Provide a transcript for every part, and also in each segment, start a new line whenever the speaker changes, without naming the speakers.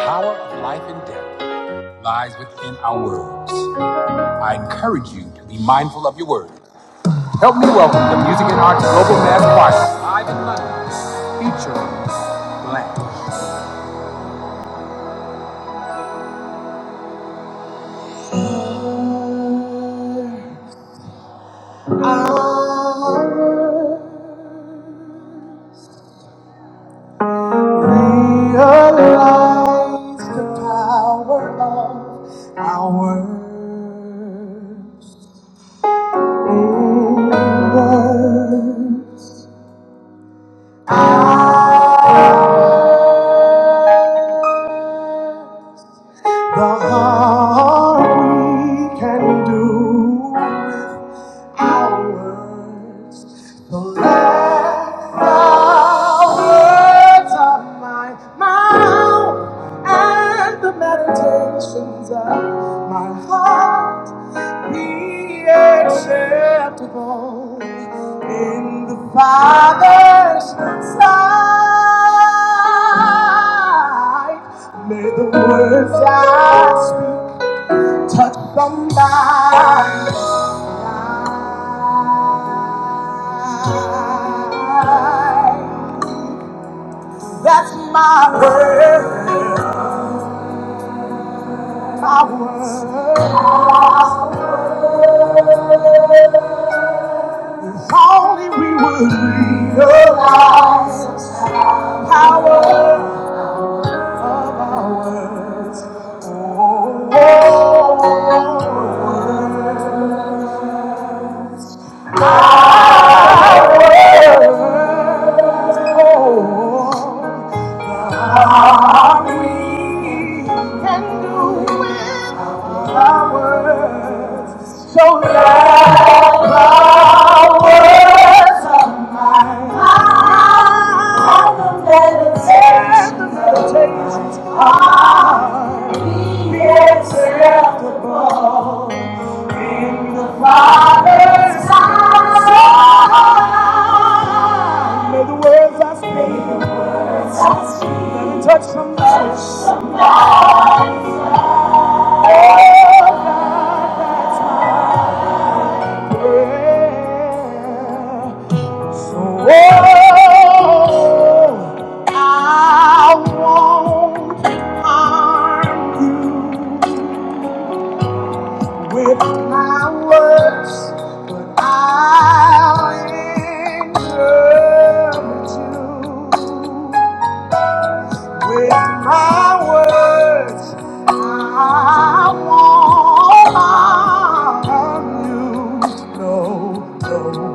The power of life and death lies within our words. I encourage you to be mindful of your words. Help me welcome the Music and Arts Global Mass Choir live in London, featuring Blank. I Realize the power of our words. In words, I The harm we can do with hours. The last hours of my mouth and the meditations of my heart be acceptable in the Father's sight. May the words I speak touch somebody. That's my word. My word. If only we would realize the power of our words. Oh, oh, oh, oh, oh. can Oh, powers, so me all powers of mine. All the meditations are be acceptable in the Father's eyes. May the words I speak, may the words I speak, let it touch somebody. Oh, I won't harm you with my words, but I'll encourage you. With my words, I want you to know. know.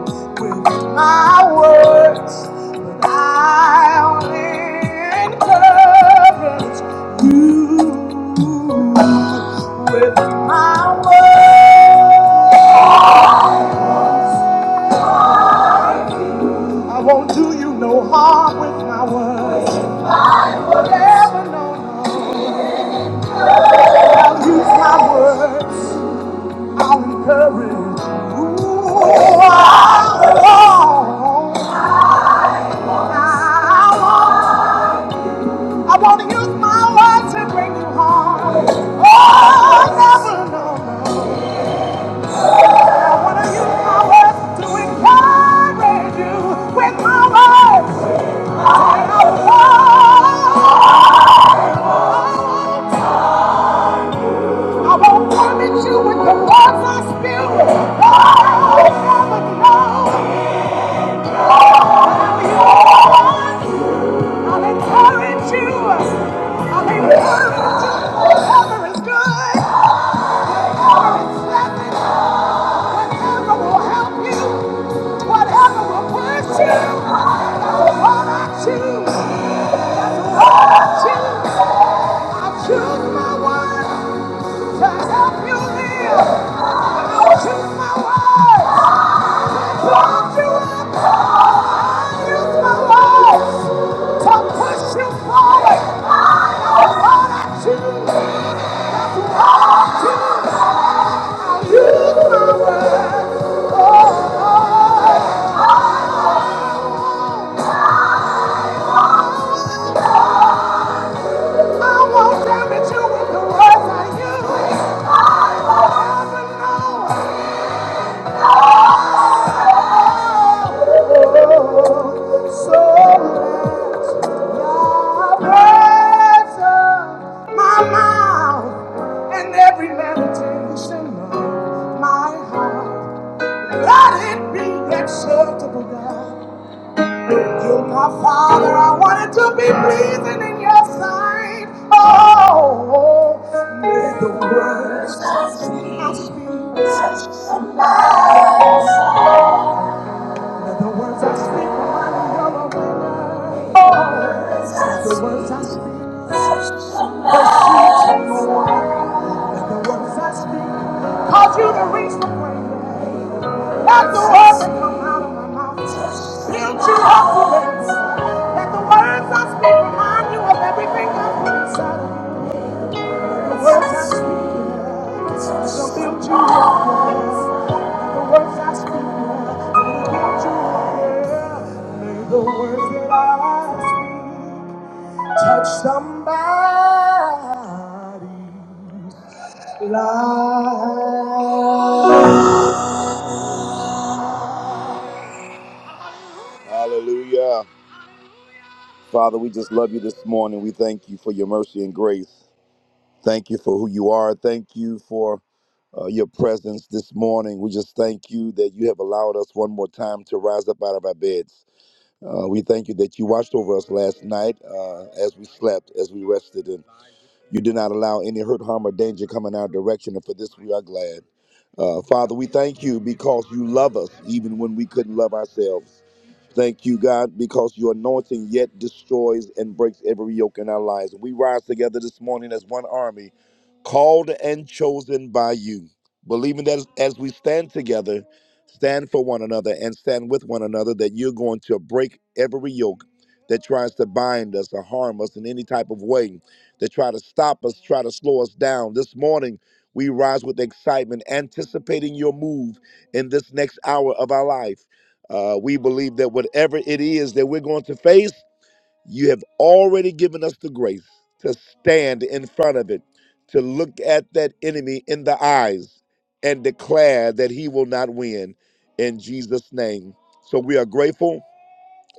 With my words, that I'll encourage you. With my words, I won't do you no harm with my words. Never, no, no. Use my words. i want to use my words to bring you harm. Oh, never, no, no. I want to use my words to encourage you with my words. I, I, I torment you with the words I spew. Oh, never, no. I'll encourage you. I'll encourage you. Whatever is good, whatever is pleasant, whatever will help you, whatever will push you, that's what I choose. That's what I choose. I choose my word to help you live. I choose my word. Pulled you up high through the walls to push you forward. And what I choose, I I use my words. Oh, I won't damage you with the words I use. I will ever know. Father, I wanted to be pleasing in your sight. Oh, may the words The words I speak, remind me of a winner. Oh, the words I speak, are the sheep to your The words I speak, cause you to reach the great. Let the words that come out of my mouth build you up today. Let the words I speak remind you of everything I've put inside of you. The words I speak, yeah, they'll build you up. today. the words that I speak touch somebody's life. Hallelujah. Father, we just love you this morning. We thank you for your mercy and grace. Thank you for who you are. Thank you for uh, your presence this morning. We just thank you that you have allowed us one more time to rise up out of our beds. Uh, we thank you that you watched over us last night uh, as we slept, as we rested, and you did not allow any hurt, harm, or danger come in our direction. And for this, we are glad. Uh, Father, we thank you because you love us even when we couldn't love ourselves. Thank you, God, because your anointing yet destroys and breaks every yoke in our lives. We rise together this morning as one army, called and chosen by you, believing that as we stand together, stand for one another and stand with one another, that you're going to break every yoke that tries to bind us or harm us in any type of way, that try to stop us, try to slow us down. This morning, we rise with excitement, anticipating your move in this next hour of our life. Uh, we believe that whatever it is that we're going to face, you have already given us the grace to stand in front of it, to look at that enemy in the eyes and declare that he will not win in Jesus' name. So we are grateful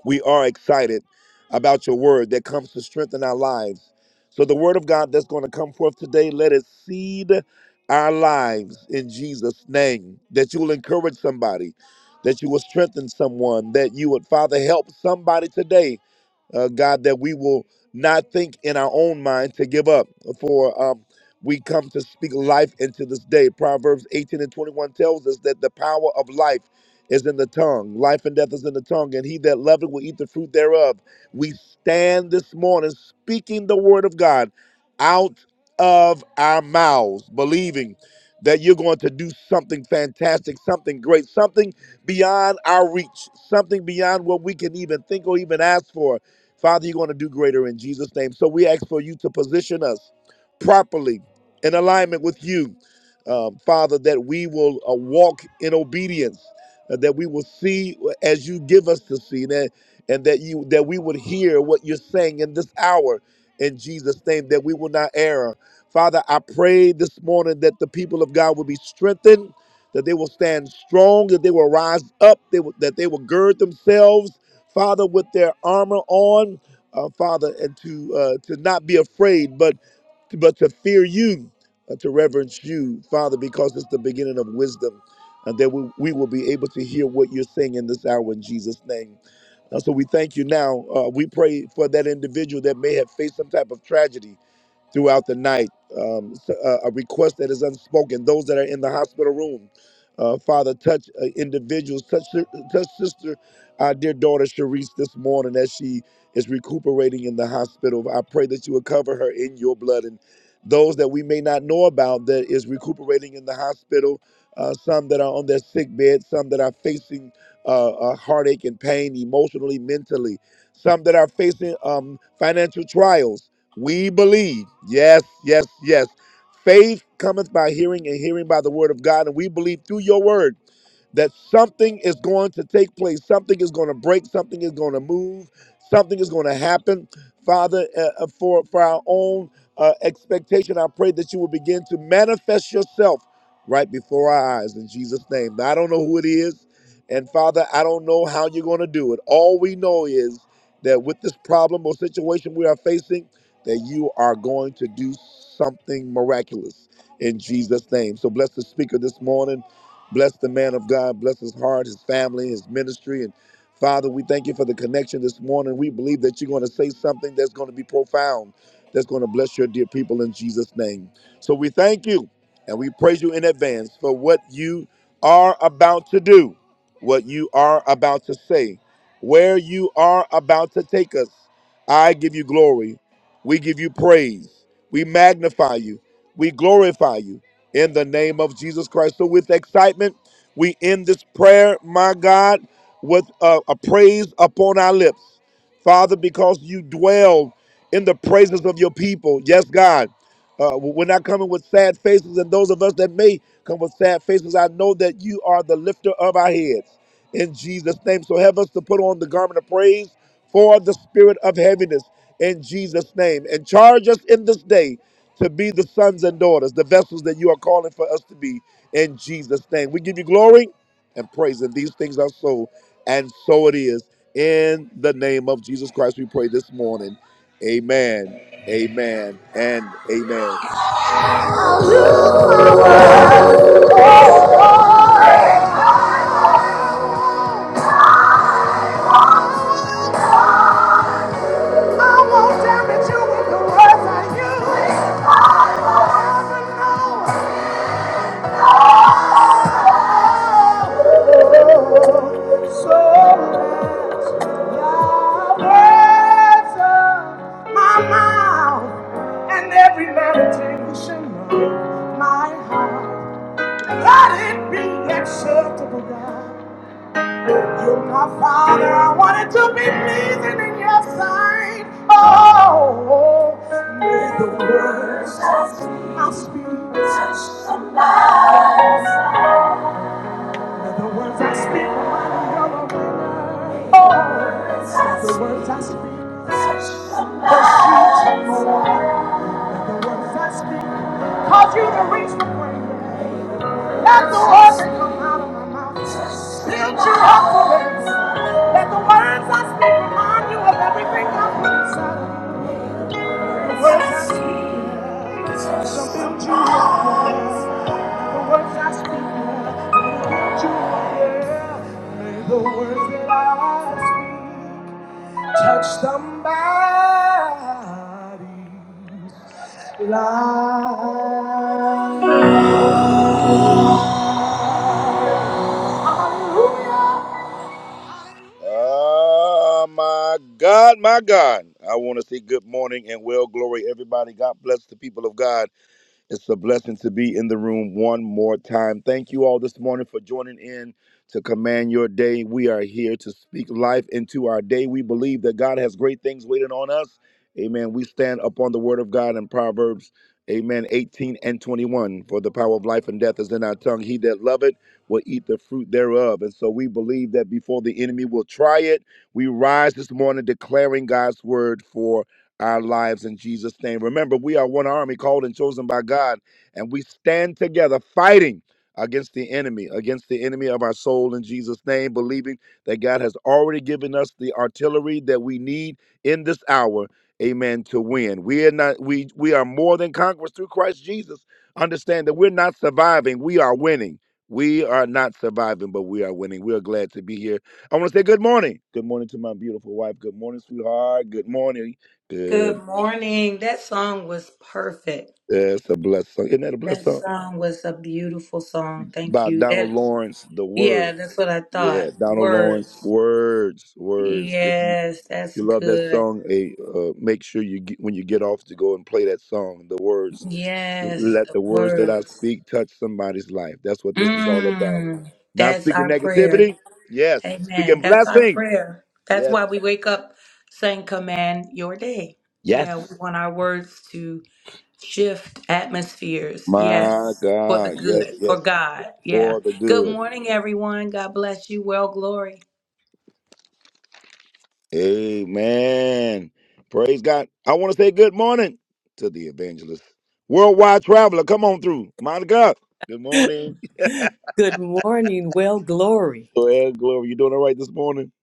we are excited about your word that comes to strengthen our lives. So, the word of God that's going to come forth today, let it seed our lives in Jesus' name. That you will encourage somebody, that you will strengthen someone, that you would, Father, help somebody today uh, God, that we will not think in our own mind to give up. For um, we come to speak life into this day. Proverbs 18 and 21 tells us that the power of life is in the tongue. Life and death is in the tongue, and he that loveth will eat the fruit thereof. We stand this morning speaking the word of God out of our mouths, believing that you're going to do something fantastic, something great, something beyond our reach, something beyond what we can even think or even ask for Father, you're going to do greater in Jesus' name. So we ask for you to position us properly in alignment with you, um, Father, that we will uh, walk in obedience, uh, that we will see as you give us to see, that, and that you that we would hear what you're saying in this hour. In Jesus' name, that we will not err. Father, I pray this morning that the people of God will be strengthened, that they will stand strong, that they will rise up, they will, that they will gird themselves. Father, with their armor on, uh, Father, and to uh, to not be afraid, but but to fear you, uh, to reverence you, Father, because it's the beginning of wisdom, and that we, we will be able to hear what you're saying in this hour in Jesus' name. Uh, so we thank you now. Uh, we pray for that individual that may have faced some type of tragedy throughout the night. Um, s- uh, a request that is unspoken. Those that are in the hospital room, uh, Father, touch uh, individuals, touch, si- touch sister, our dear daughter Sharice this morning as she is recuperating in the hospital. I pray that you would cover her in your blood and those that we may not know about that is recuperating in the hospital. Uh, some that are on their sick bed, some that are facing uh, uh, heartache and pain emotionally, mentally, some that are facing um, financial trials we believe. Yes, yes, yes. Faith cometh by hearing, and hearing by the word of God. And we believe through your word that something is going to take place, something is going to break, something is going to move, something is going to happen. Father, uh, uh, for, for our own uh, expectation, I pray that you will begin to manifest yourself right before our eyes in Jesus' name. Now, I don't know who it is, and Father, I don't know how you're going to do it. All we know is that with this problem or situation we are facing, that you are going to do something miraculous in Jesus' name. So bless the speaker this morning. Bless the man of God. Bless his heart, his family, his ministry. And Father, we thank you for the connection this morning. We believe that you're going to say something that's going to be profound, that's going to bless your dear people in Jesus' name. So we thank you and we praise you in advance for what you are about to do, what you are about to say, where you are about to take us. I give you glory. We give you praise. We magnify you. We glorify you in the name of Jesus Christ. So, with excitement, we end this prayer, my God, with a, a praise upon our lips. Father, because you dwell in the praises of your people. Yes, God. Uh, we're not coming with sad faces, and those of us that may come with sad faces, I know that you are the lifter of our heads. In Jesus' name. So have us to put on the garment of praise for the spirit of heaviness in Jesus' name. And charge us in this day to be the sons and daughters, the vessels that you are calling for us to be in Jesus' name. We give you glory and praise, and these things are so, and so it is. In the name of Jesus Christ, we pray this morning. Amen. Amen. And amen. I won't damage you with the words I use. Heaven knows. Let it be acceptable, God. You're my father, I wanted to be pleasing in your sight. Oh, may the words I speak, may the words I speak remind you of a winner. Oh, the words I speak, the sheep the words I speak, cause you to reach the grave. Let the words that come out of my mouth build you up for it. That the words I speak remind you of everything I've been said. Words I speak, it's also built you up. The words I speak, will build you up. May the words that I speak touch somebody's life. Hallelujah. Oh my God, my God. I want to say good morning and well glory, everybody. God bless the people of God. It's a blessing to be in the room one more time. Thank you all this morning for joining in to command your day. We are here to speak life into our day. We believe that God has great things waiting on us. Amen. We stand upon the word of God in Proverbs, amen, 18 and 21. For the power of life and death is in our tongue. He that loveth will eat the fruit thereof. And so we believe that before the enemy will try it, we rise this morning declaring God's word for our lives in Jesus' name. Remember, we are one army called and chosen by God, and we stand together fighting against the enemy, against the enemy of our soul in Jesus' name, believing that God has already given us the artillery that we need in this hour. Amen. To win. We are not we we are more than conquerors through Christ Jesus. Understand that we're not surviving, we are winning. We are not surviving, but we are winning. We are glad to be here. I want to say good morning. Good morning to my beautiful wife. Good morning, sweetheart. Good morning.
Good
Good.
morning. That song was perfect.
That's a blessed song. Isn't that a blessed
That
song?
song was a beautiful song. Thank
By
you.
Donald
That
Lawrence, The
yeah,
Words.
that's what I
Yeah,
thought.
Donald Lawrence,
Words.
Words, Words. If you
Yes,
if
that's
you love that
good.
song, hey, uh, make sure you get, when you get off to go and play that song, The Words.
Yes,
Let
the
the words that I
words.
speak touch somebody's life. That's what this is all about.
Mm,
Not
that's
speaking
our prayer.
negativity. Yes,
Amen.
speaking
That's our
blessing.
prayer. That's
Yeah.
why we wake up saying command your day.
Yes.
Yeah, we want our words to shift atmospheres.
My
Yes, for the
God. Yes,
good,
yes.
for God. Yeah.
For the
Good
good.
morning, everyone. God bless you. Well, glory.
Amen. Praise God. I want to say good morning to the evangelist, worldwide traveler. Come on through, Monica. Good morning.
Good morning. Well, glory.
Well, glory. You doing all right this morning?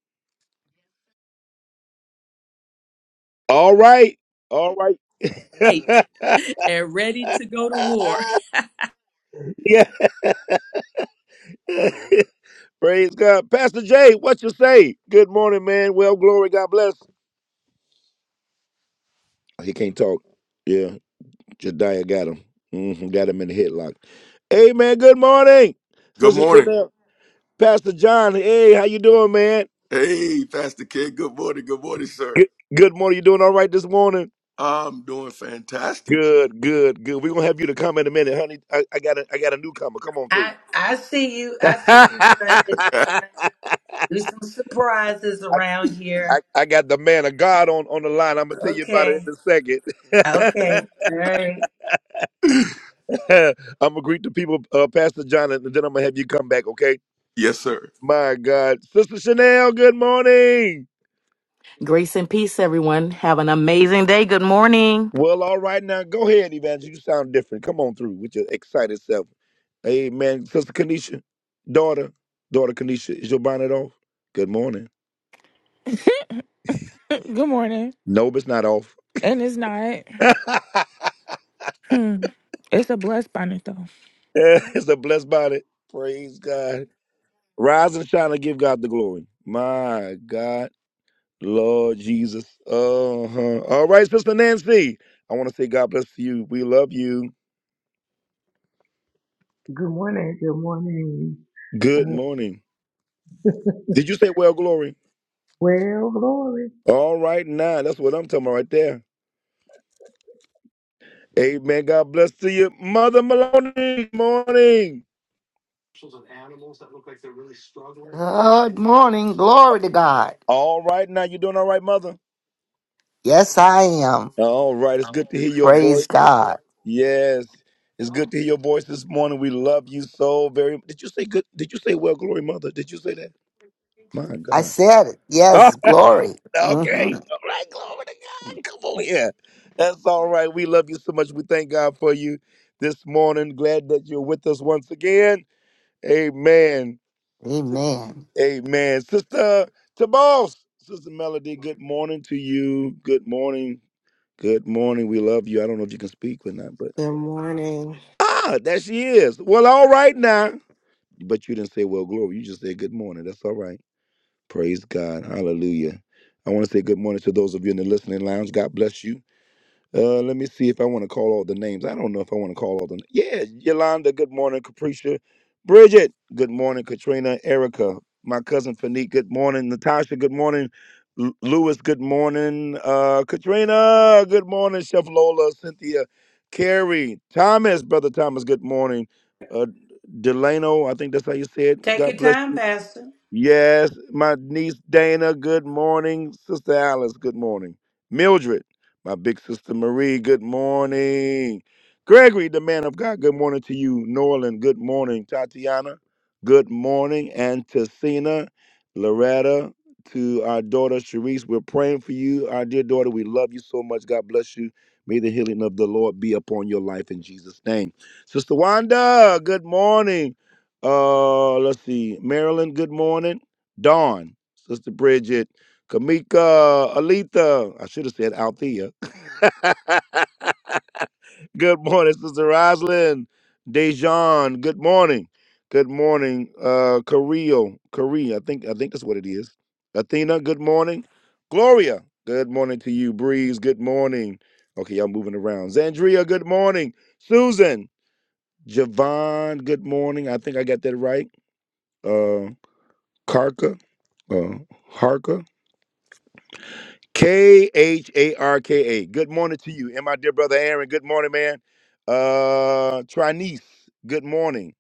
All right. All right.
awake and ready to go to war.
yeah. Praise God. Pastor Jay, what you say? Good morning, man. Well, glory. God bless. He can't talk. Yeah. Jediah got him. hmm Got him in the headlock. Amen. Good morning.
Good
Sister
morning.
Chanel. Pastor John. Hey, how you doing, man?
Hey, Pastor K. Good morning. Good morning, sir.
Good, good morning. You doing all right this morning?
I'm doing fantastic.
Good, good, good. We're gonna have you to come in a minute, honey. I, I got a I got a newcomer. Come on through.
I I see you. I see you trying
I,
to, trying to do some surprises around
I,
here.
I got the man of God on, on the line. I'm gonna tell you about it
Okay.
in a second.
Okay. All right.
I'm gonna greet the people, uh, Pastor Jonathan, and then I'm gonna have you come back, okay?
yes, sir.
My God. Sister Chanel, good morning.
Grace and peace, everyone. Have an amazing day. Good morning.
Well, all right now. Go ahead, Evangelist. You sound different. Come on through with your excited self. Amen. Sister Kanisha, daughter, daughter Kanisha, is your bonnet off? Good morning.
Good morning.
Nope, it's not off.
And it's not. Hmm. It's a blessed bonnet, though.
it's a blessed bonnet. Praise God. Rise and shine and give God the glory. My God, Lord Jesus. Uh-huh. All right, Sister Nancy. I want to say God bless you. We love you.
Good morning. Good morning.
Good
Uh,
morning. Did you say well, glory?
well, glory.
All right, now. That's what I'm talking about right there. Amen. God bless to you. Mother Maloney, morning.
Good morning. Glory to God.
All right. Now you doing all right, Mother?
Yes, I am.
All right. It's good to hear your
Praise
voice.
God.
Yes. It's good to hear your voice this morning. We love you so very Did you say good? Did you say well, glory, Mother? Did you say that? My
I
God.
said it. Yes, glory.
Ah,
hmm
okay. All right. Glory to God. Come on here. That's all right. We love you so much. We thank God for you this morning. Glad that you're with us once again. Amen. Sis-
Amen.
Amen. Sister Tabos, Sister Melody, good morning to you. Good morning. Good morning. We love you. I don't know if you can speak or not, but
Good morning.
ah, there she is. Well, all right now. But you didn't say, well, glory. You just said good morning. That's all right. Praise God. Hallelujah. I want to say good morning to those of you in the listening lounge. God bless you. Uh, let me see if I want to call all the names. I don't know if I want to call all the. Yeah, Yolanda. Good morning, Capricia. Bridget. Good morning, Katrina. Erica. My cousin Fanique. Good morning, Natasha. Good morning, L- Lewis. Good morning, uh, Katrina. Good morning, Chef Lola. Cynthia. Carrie. Thomas. Brother Thomas. Good morning. Uh, Delano. I think that's how you said.
Take
God
your
bless
time,
you.
Pastor.
Yes, my niece Dana, good morning. Sister Alice, good morning. Mildred, my big sister Marie, good morning. Gregory, the man of God, good morning to you. Norland, good morning. Tatiana, good morning. And Tessina, Loretta, to our daughter Sharice, we're praying for you. Our dear daughter, we love you so much. God bless you. May the healing of the Lord be upon your life in Jesus' name. Sister Wanda, good morning. Uh, let's see. Marilyn, good morning. Dawn, Sister Bridget, Kamika, Alita. I should have said Althea. good morning, Sister Roslyn. Dejan, good morning. Good morning. Uh Kareel, Korea. I think I think that's what it is. Athena, good morning. Gloria, good morning to you. Breeze, good morning. Okay, y'all moving around. Zandria, good morning. Susan, Javon, good morning. I think I got that right. Uh. Karka, uh, Harka, K H A R K A. Good morning to you, and my dear brother Aaron. Good morning, man. Uh, Trinice, good morning.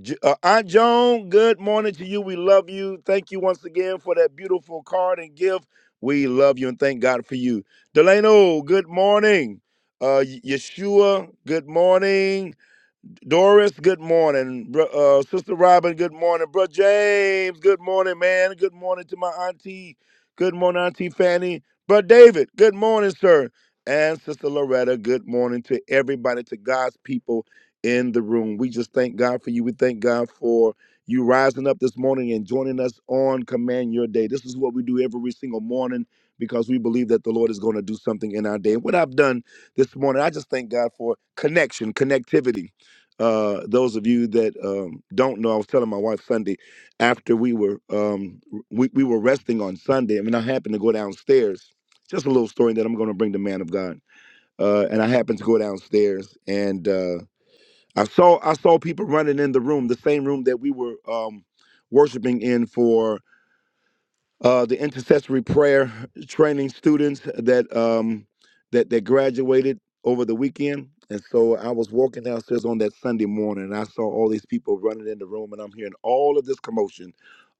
J- uh, Aunt Joan, good morning to you. We love you. Thank you once again for that beautiful card and gift. We love you and thank God for you. Delano, good morning. Uh, Y- Yeshua, good morning. Doris, good morning. Uh, Sister Robin, good morning. Bro James, good morning, man. Good morning to my auntie. Good morning, Auntie Fanny. Bro David, good morning, sir. And Sister Loretta, good morning to everybody, to God's people in the room. We just thank God for you. We thank God for you rising up this morning and joining us on Command Your Day. This is what we do every single morning because we believe that the Lord is going to do something in our day. And what I've done this morning, I just thank God for connection, connectivity uh, those of you that um, don't know, I was telling my wife Sunday after we were um, we, we were resting on Sunday, I mean, I happened to go downstairs. Just a little story that I'm going to bring the man of God. Uh, and I happened to go downstairs, and uh, I saw I saw people running in the room, the same room that we were um, worshiping in for uh, the intercessory prayer training students that um, that that graduated over the weekend. And so I was walking downstairs on that Sunday morning, and I saw all these people running in the room, and I'm hearing all of this commotion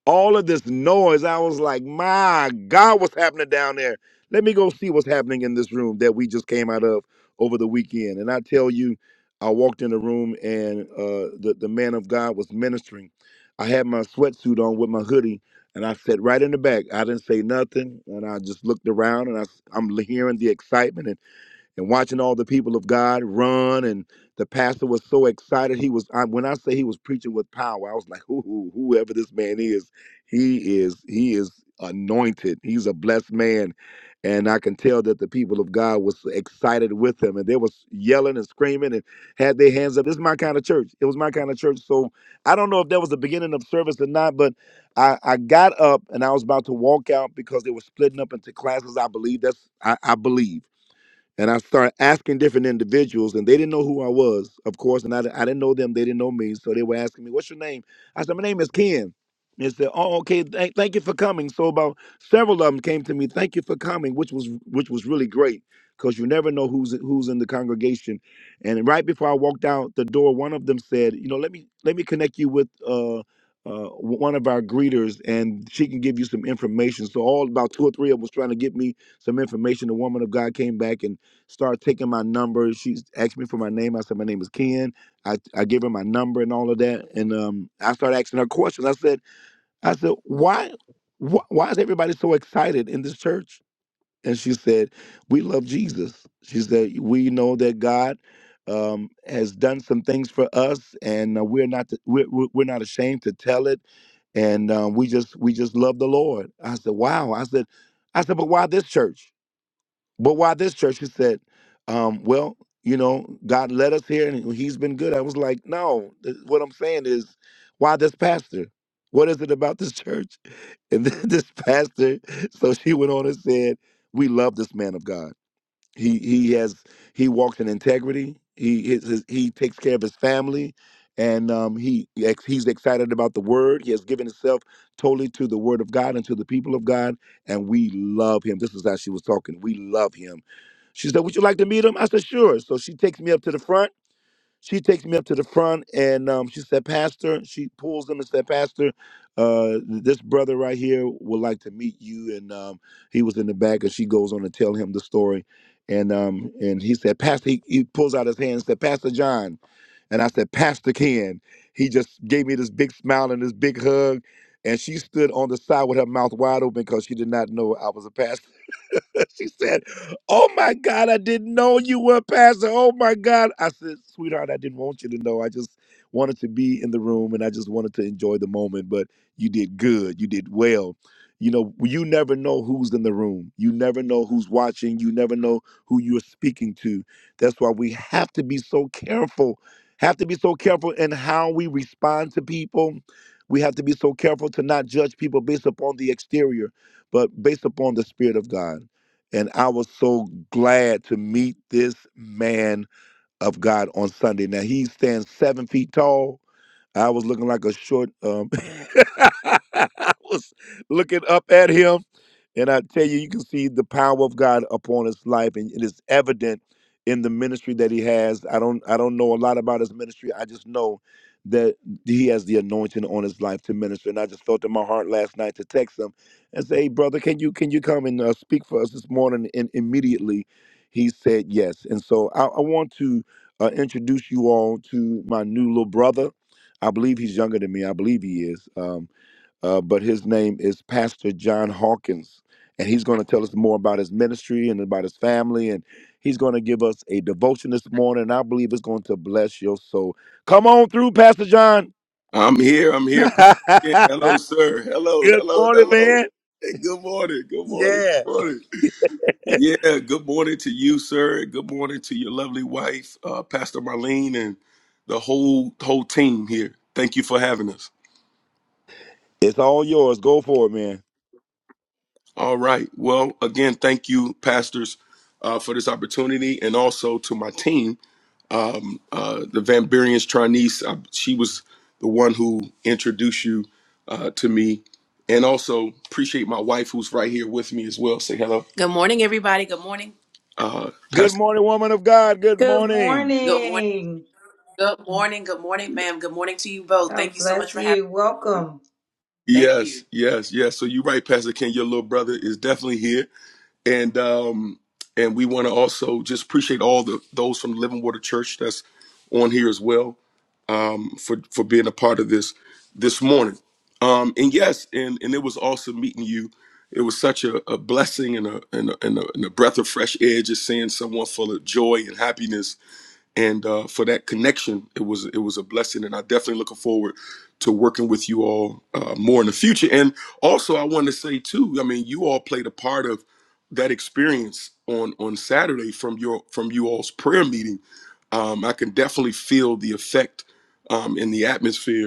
all of this noise, I was like, my God, what's happening down there? Let me go see what's happening in this room that we just came out of over the weekend. And I tell you, I walked in the room and uh, the, the man of God was ministering. I had my sweatsuit on with my hoodie and I sat right in the back. I didn't say nothing and I just looked around and I, am hearing the excitement. And and watching all the people of God run. And the pastor was so excited. He was I, when I say he was preaching with power, I was like, Ooh, whoever this man is, he is he is anointed. He's a blessed man. And I can tell that the people of God was excited with him, and they was yelling and screaming and had their hands up. This is my kind of church. It was my kind of church. So I don't know if that was the beginning of service or not, but I, I got up and I was about to walk out because they were splitting up into classes. I believe that's I, I believe. And I started asking different individuals, and they didn't know who I was, of course, and I, di- I didn't know them. They didn't know me, so they were asking me, "What's your name?" I said, "My name is Ken." They said, "Oh, okay. Thank, thank you for coming." So about several of them came to me, "Thank you for coming," which was which was really great because you never know who's who's in the congregation. And right before I walked out the door, one of them said, "You know, let me let me connect you with." Uh, uh, w- one of our greeters, and she can give you some information. So all about two or three of them was trying to get me some information. The woman of God came back, and Start taking my number. She asked me for my name. I said my name is Ken. I, I gave her my number and all of that. And um, I started asking her questions. I said, I said, why, wh- why is everybody so excited in this church? And she said, we love Jesus. She said, we know that God um, has done some things for us, and uh, we're not we're, we're we're not ashamed to tell it and um, we just we just love the Lord. I said, wow. I said, I said, but why this church? But why this church? He said, um, well, you know, God led us here and he's been good. I was like, no, th- what I'm saying is, why this pastor? What is it about this church? And then this pastor, so she went on and said, we love this man of God. He he has he walks in integrity. He his, his, he takes care of his family, and um, he ex- he's excited about the word. He has given himself totally to the word of God and to the people of God, and we love him. This is how she was talking. We love him. She said, "Would you like to meet him?" I said, "Sure." So she takes me up to the front she takes me up to the front and um, she said, Pastor, she pulls them and said, Pastor, uh, this brother right here would like to meet you. And um, he was in the back and she goes on to tell him the story. And um, and he said, Pastor, he, he pulls out his hand and said, Pastor John. And I said, Pastor Ken. He just gave me this big smile and this big hug. And she stood on the side with her mouth wide open because she did not know I was a pastor. she said, Oh my God, I didn't know you were a pastor. Oh my God. I said, Sweetheart, I didn't want you to know. I just wanted to be in the room and I just wanted to enjoy the moment. But you did good. You did well. You know, well, you never know who's in the room. You never know who's watching. You never know who you're speaking to. That's why we have to be so careful, have to be so careful in how we respond to people. We have to be so careful to not judge people based upon the exterior, but based upon the Spirit of God. And I was so glad to meet this man of God on Sunday. Now he stands seven feet tall. I was looking like a short. Um, I was looking up at him and I tell you, you can see the power of God upon his life, and it is evident in the ministry that he has. I don't I don't know a lot about his ministry. I just know that he has the anointing on his life to minister. And I just felt in my heart last night to text him and say, "Hey, brother, can you can you come and uh, speak for us this morning?" And immediately he said yes. And so I, I want to uh, introduce you all to my new little brother. I believe he's younger than me. I believe he is. Um, uh, but his name is Pastor John Hawkins. And he's going to tell us more about his ministry and about his family. And he's going to give us a devotion this morning. And I believe it's going to bless your soul. Come on through, Pastor John.
I'm here. I'm here, Pastor
Good
K. Hello, sir. Hello, hello,
morning,
hello.
man.
Hey, good morning. Good morning. Good
Yeah.
morning. Yeah, good morning to you, sir. Good morning to your lovely wife, uh, Pastor Marlene, and the whole whole team here. Thank you for having us.
It's all yours. Go for it, man.
All right. Well, again, thank you, pastors, uh, for this opportunity, and also to my team um, uh, the Van Buren's Charnice. Uh, she was the one who introduced you uh, to me. And also appreciate my wife who's right here with me as well. Say hello, Good morning, everybody. Good morning. uh,
Good
Pastor.
morning, woman of God. Good
Good
morning.
Good morning.
morning.
Good morning. Good morning, ma'am. Good morning to you both. Thank
God
you so much
bless
for having
you.
me. Thank
Welcome.
you. Yes, yes, yes. So you're right, Pastor Ken. Your little brother is definitely here. and um and we want to also just appreciate all the those from Living Water Church that's on here as well um for for being a part of this this morning um and yes and and it was awesome meeting you it was such a, a blessing and a, and a and a and a breath of fresh air just seeing someone full of joy and happiness and uh, for that connection, it was it was a blessing, and I definitely looking forward to working with you all uh, more in the future. And also, I wanted to say too, I mean, you all played a part of that experience on on Saturday from your from you all's prayer meeting. Um, I can definitely feel the effect um, in the atmosphere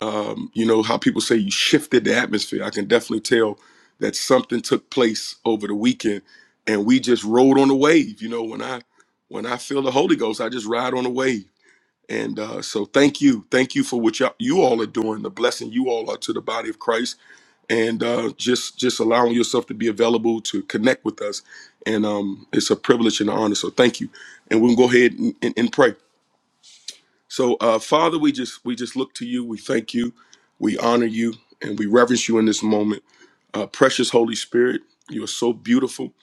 um, you know how people say you shifted the atmosphere i can definitely tell that something took place over the weekend and we just rode on the wave you know when i when i feel the holy ghost i just ride on the wave and uh, so thank you thank you for what y'all, you all are doing the blessing you all are to the body of christ and uh, just just allowing yourself to be available to connect with us and um, it's a privilege and an honor so thank you and we can go ahead and, and, and pray so, uh, Father, we just we just look to you. We thank you, we honor you, and we reverence you in this moment. Uh, precious Holy Spirit, you are so beautiful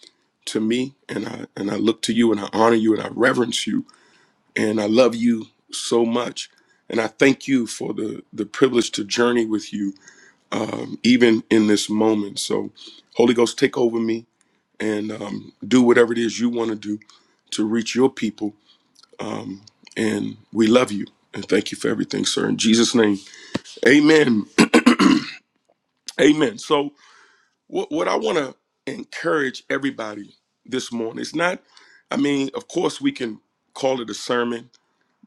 to me, and I and I look to you, and I honor you, and I reverence you, and I love you so much. And I thank you for the the privilege to journey with you, um, even in this moment. So, Holy Ghost, take over me and um, do whatever it is you want to do to reach your people um, and we love you and thank you for everything, sir. In Jesus' name, amen. amen. So, what, what I want to encourage everybody this morning, it's not, I mean, of course, we can call it a sermon,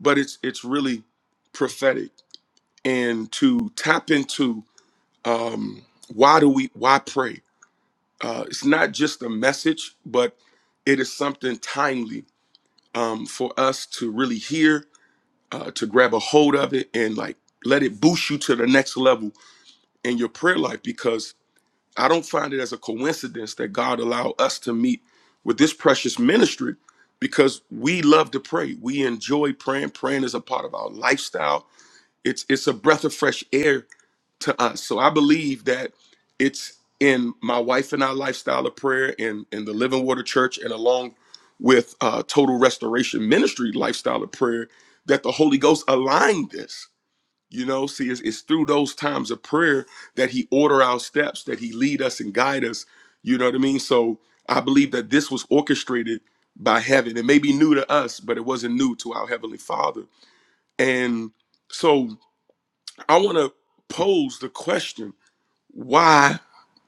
but it's it's really prophetic. And to tap into um, why do we, why pray? Uh, it's not just a message, but it is something timely um, for us to really hear uh, to grab a hold of it and like let it boost you to the next level in your prayer life because I don't find it as a coincidence that God allowed us to meet with this precious ministry because we love to pray. We enjoy praying. Praying is a part of our lifestyle. It's it's a breath of fresh air to us. So I believe that it's in my wife and I lifestyle of prayer and in the Living Water Church and along with uh, Total Restoration Ministry lifestyle of prayer that the Holy Ghost aligned this. You know, see, it's, it's through those times of prayer that He order our steps, that He lead us and guide us. You know what I mean? So I believe that this was orchestrated by heaven. It may be new to us, but it wasn't new to our Heavenly Father. And so I want to pose the question why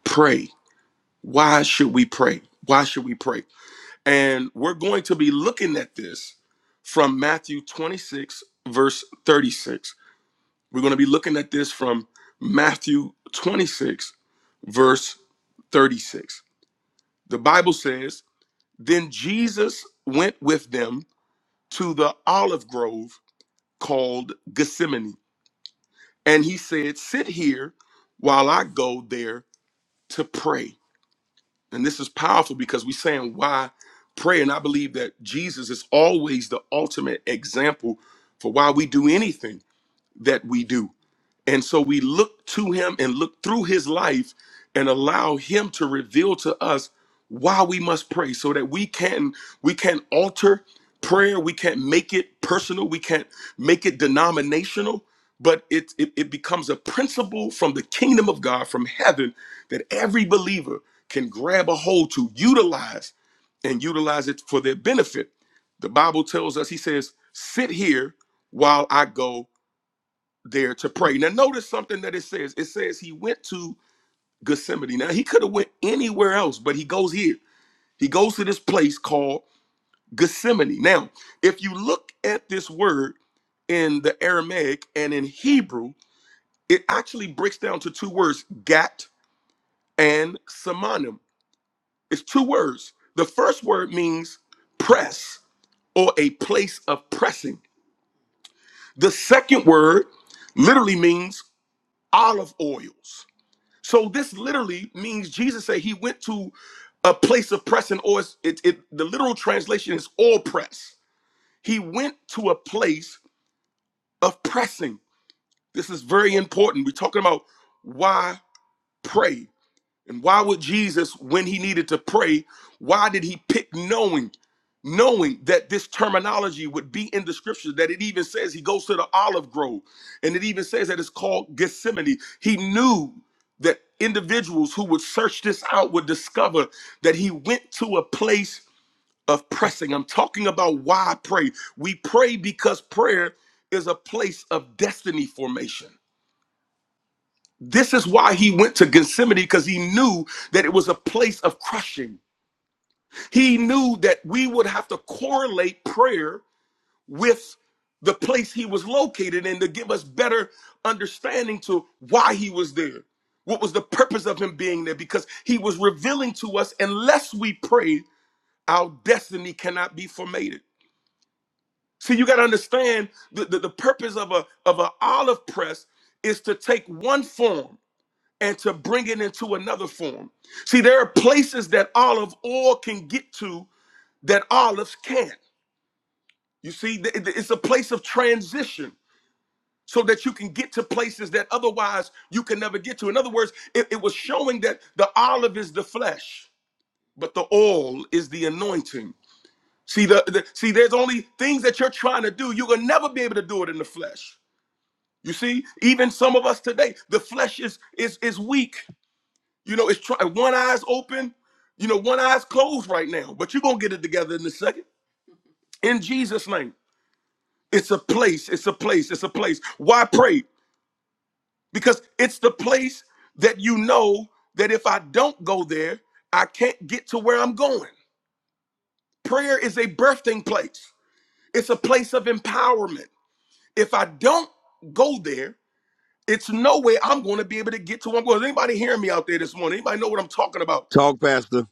pray? Why should we pray? Why should we pray? And we're going to be looking at this from Matthew 26, verse 36. We're going to be looking at this from Matthew 26, verse 36. The Bible says, Then Jesus went with them to the olive grove called Gethsemane, and he said, 'Sit here while I go there to pray. And this is powerful because we're saying why pray. And I believe that Jesus is always the ultimate example for why we do anything that we do. And so we look to him and look through his life and allow him to reveal to us why we must pray so that we can we can alter prayer, we can't make it personal, we can't make it denominational, but it, it it becomes a principle from the kingdom of God from heaven that every believer can grab a hold to utilize and utilize it for their benefit. The Bible tells us he says, "Sit here while I go there to pray. Now notice something that it says. It says he went to Gethsemane. Now he could have went anywhere else, but he goes here. He goes to this place called Gethsemane. Now, if you look at this word in the Aramaic and in Hebrew, it actually breaks down to two words, gat and samanim. It's two words. The first word means press or a place of pressing. The second word literally means olive oils. So this literally means Jesus said he went to a place of pressing, or it's- it, it, the literal translation is all press. He went to a place of pressing. This is very important. We're talking about why pray. And why would Jesus, when he needed to pray, why did he pick knowing, knowing that this terminology would be in the scriptures, that it even says he goes to the olive grove, and it even says that it's called Gethsemane. He knew that individuals who would search this out would discover that he went to a place of pressing. I'm talking about why I pray. We pray because prayer is a place of destiny formation. This is why he went to Gethsemane because he knew that it was a place of crushing. He knew that we would have to correlate prayer with the place he was located in to give us better understanding to why he was there. What was the purpose of him being there? Because he was revealing to us, unless we pray, our destiny cannot be formated. See, you got to understand the, the, the purpose of a of an olive press is to take one form and to bring it into another form. See, there are places that olive oil can get to that olives can't. You see, it's a place of transition so that you can get to places that otherwise you can never get to. In other words, it, it was showing that the olive is the flesh, but the oil is the anointing. See, the, the see, there's only things that you're trying to do. You'll never be able to do it in the flesh. You see, even some of us today, the flesh is is is weak. You know, it's try- uh, one eye's open, you know, one eye's closed right now, but you're going to get it together in a second. In Jesus' name. It's a place. It's a place. It's a place. Why pray? Because it's the place that you know that if I don't go there, I can't get to where I'm going. Prayer is a birthing place, it's a place of empowerment. If I don't go there, it's no way I'm going to be able to get to where I'm going. Is anybody hearing me out there this morning? Anybody know what I'm talking about?
Talk, Pastor.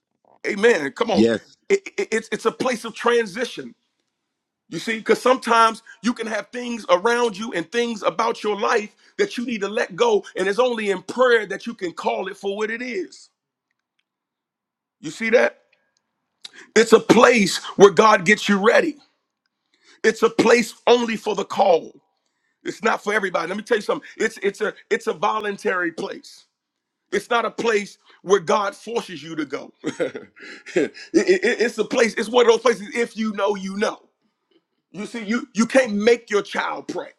Amen. Come on.
Yes.
It- it- it's, it's a place of transition. You see, because sometimes you can have things around you and things about your life that you need to let go. And it's only in prayer that you can call it for what it is. You see that? It's a place where God gets you ready. It's a place only for the call. It's not for everybody. Let me tell you something. It's it's a it's a voluntary place. It's not a place where God forces you to go. It- it- it's a place, it's one of those places, if you know, you know. You see, you you can't make your child pray.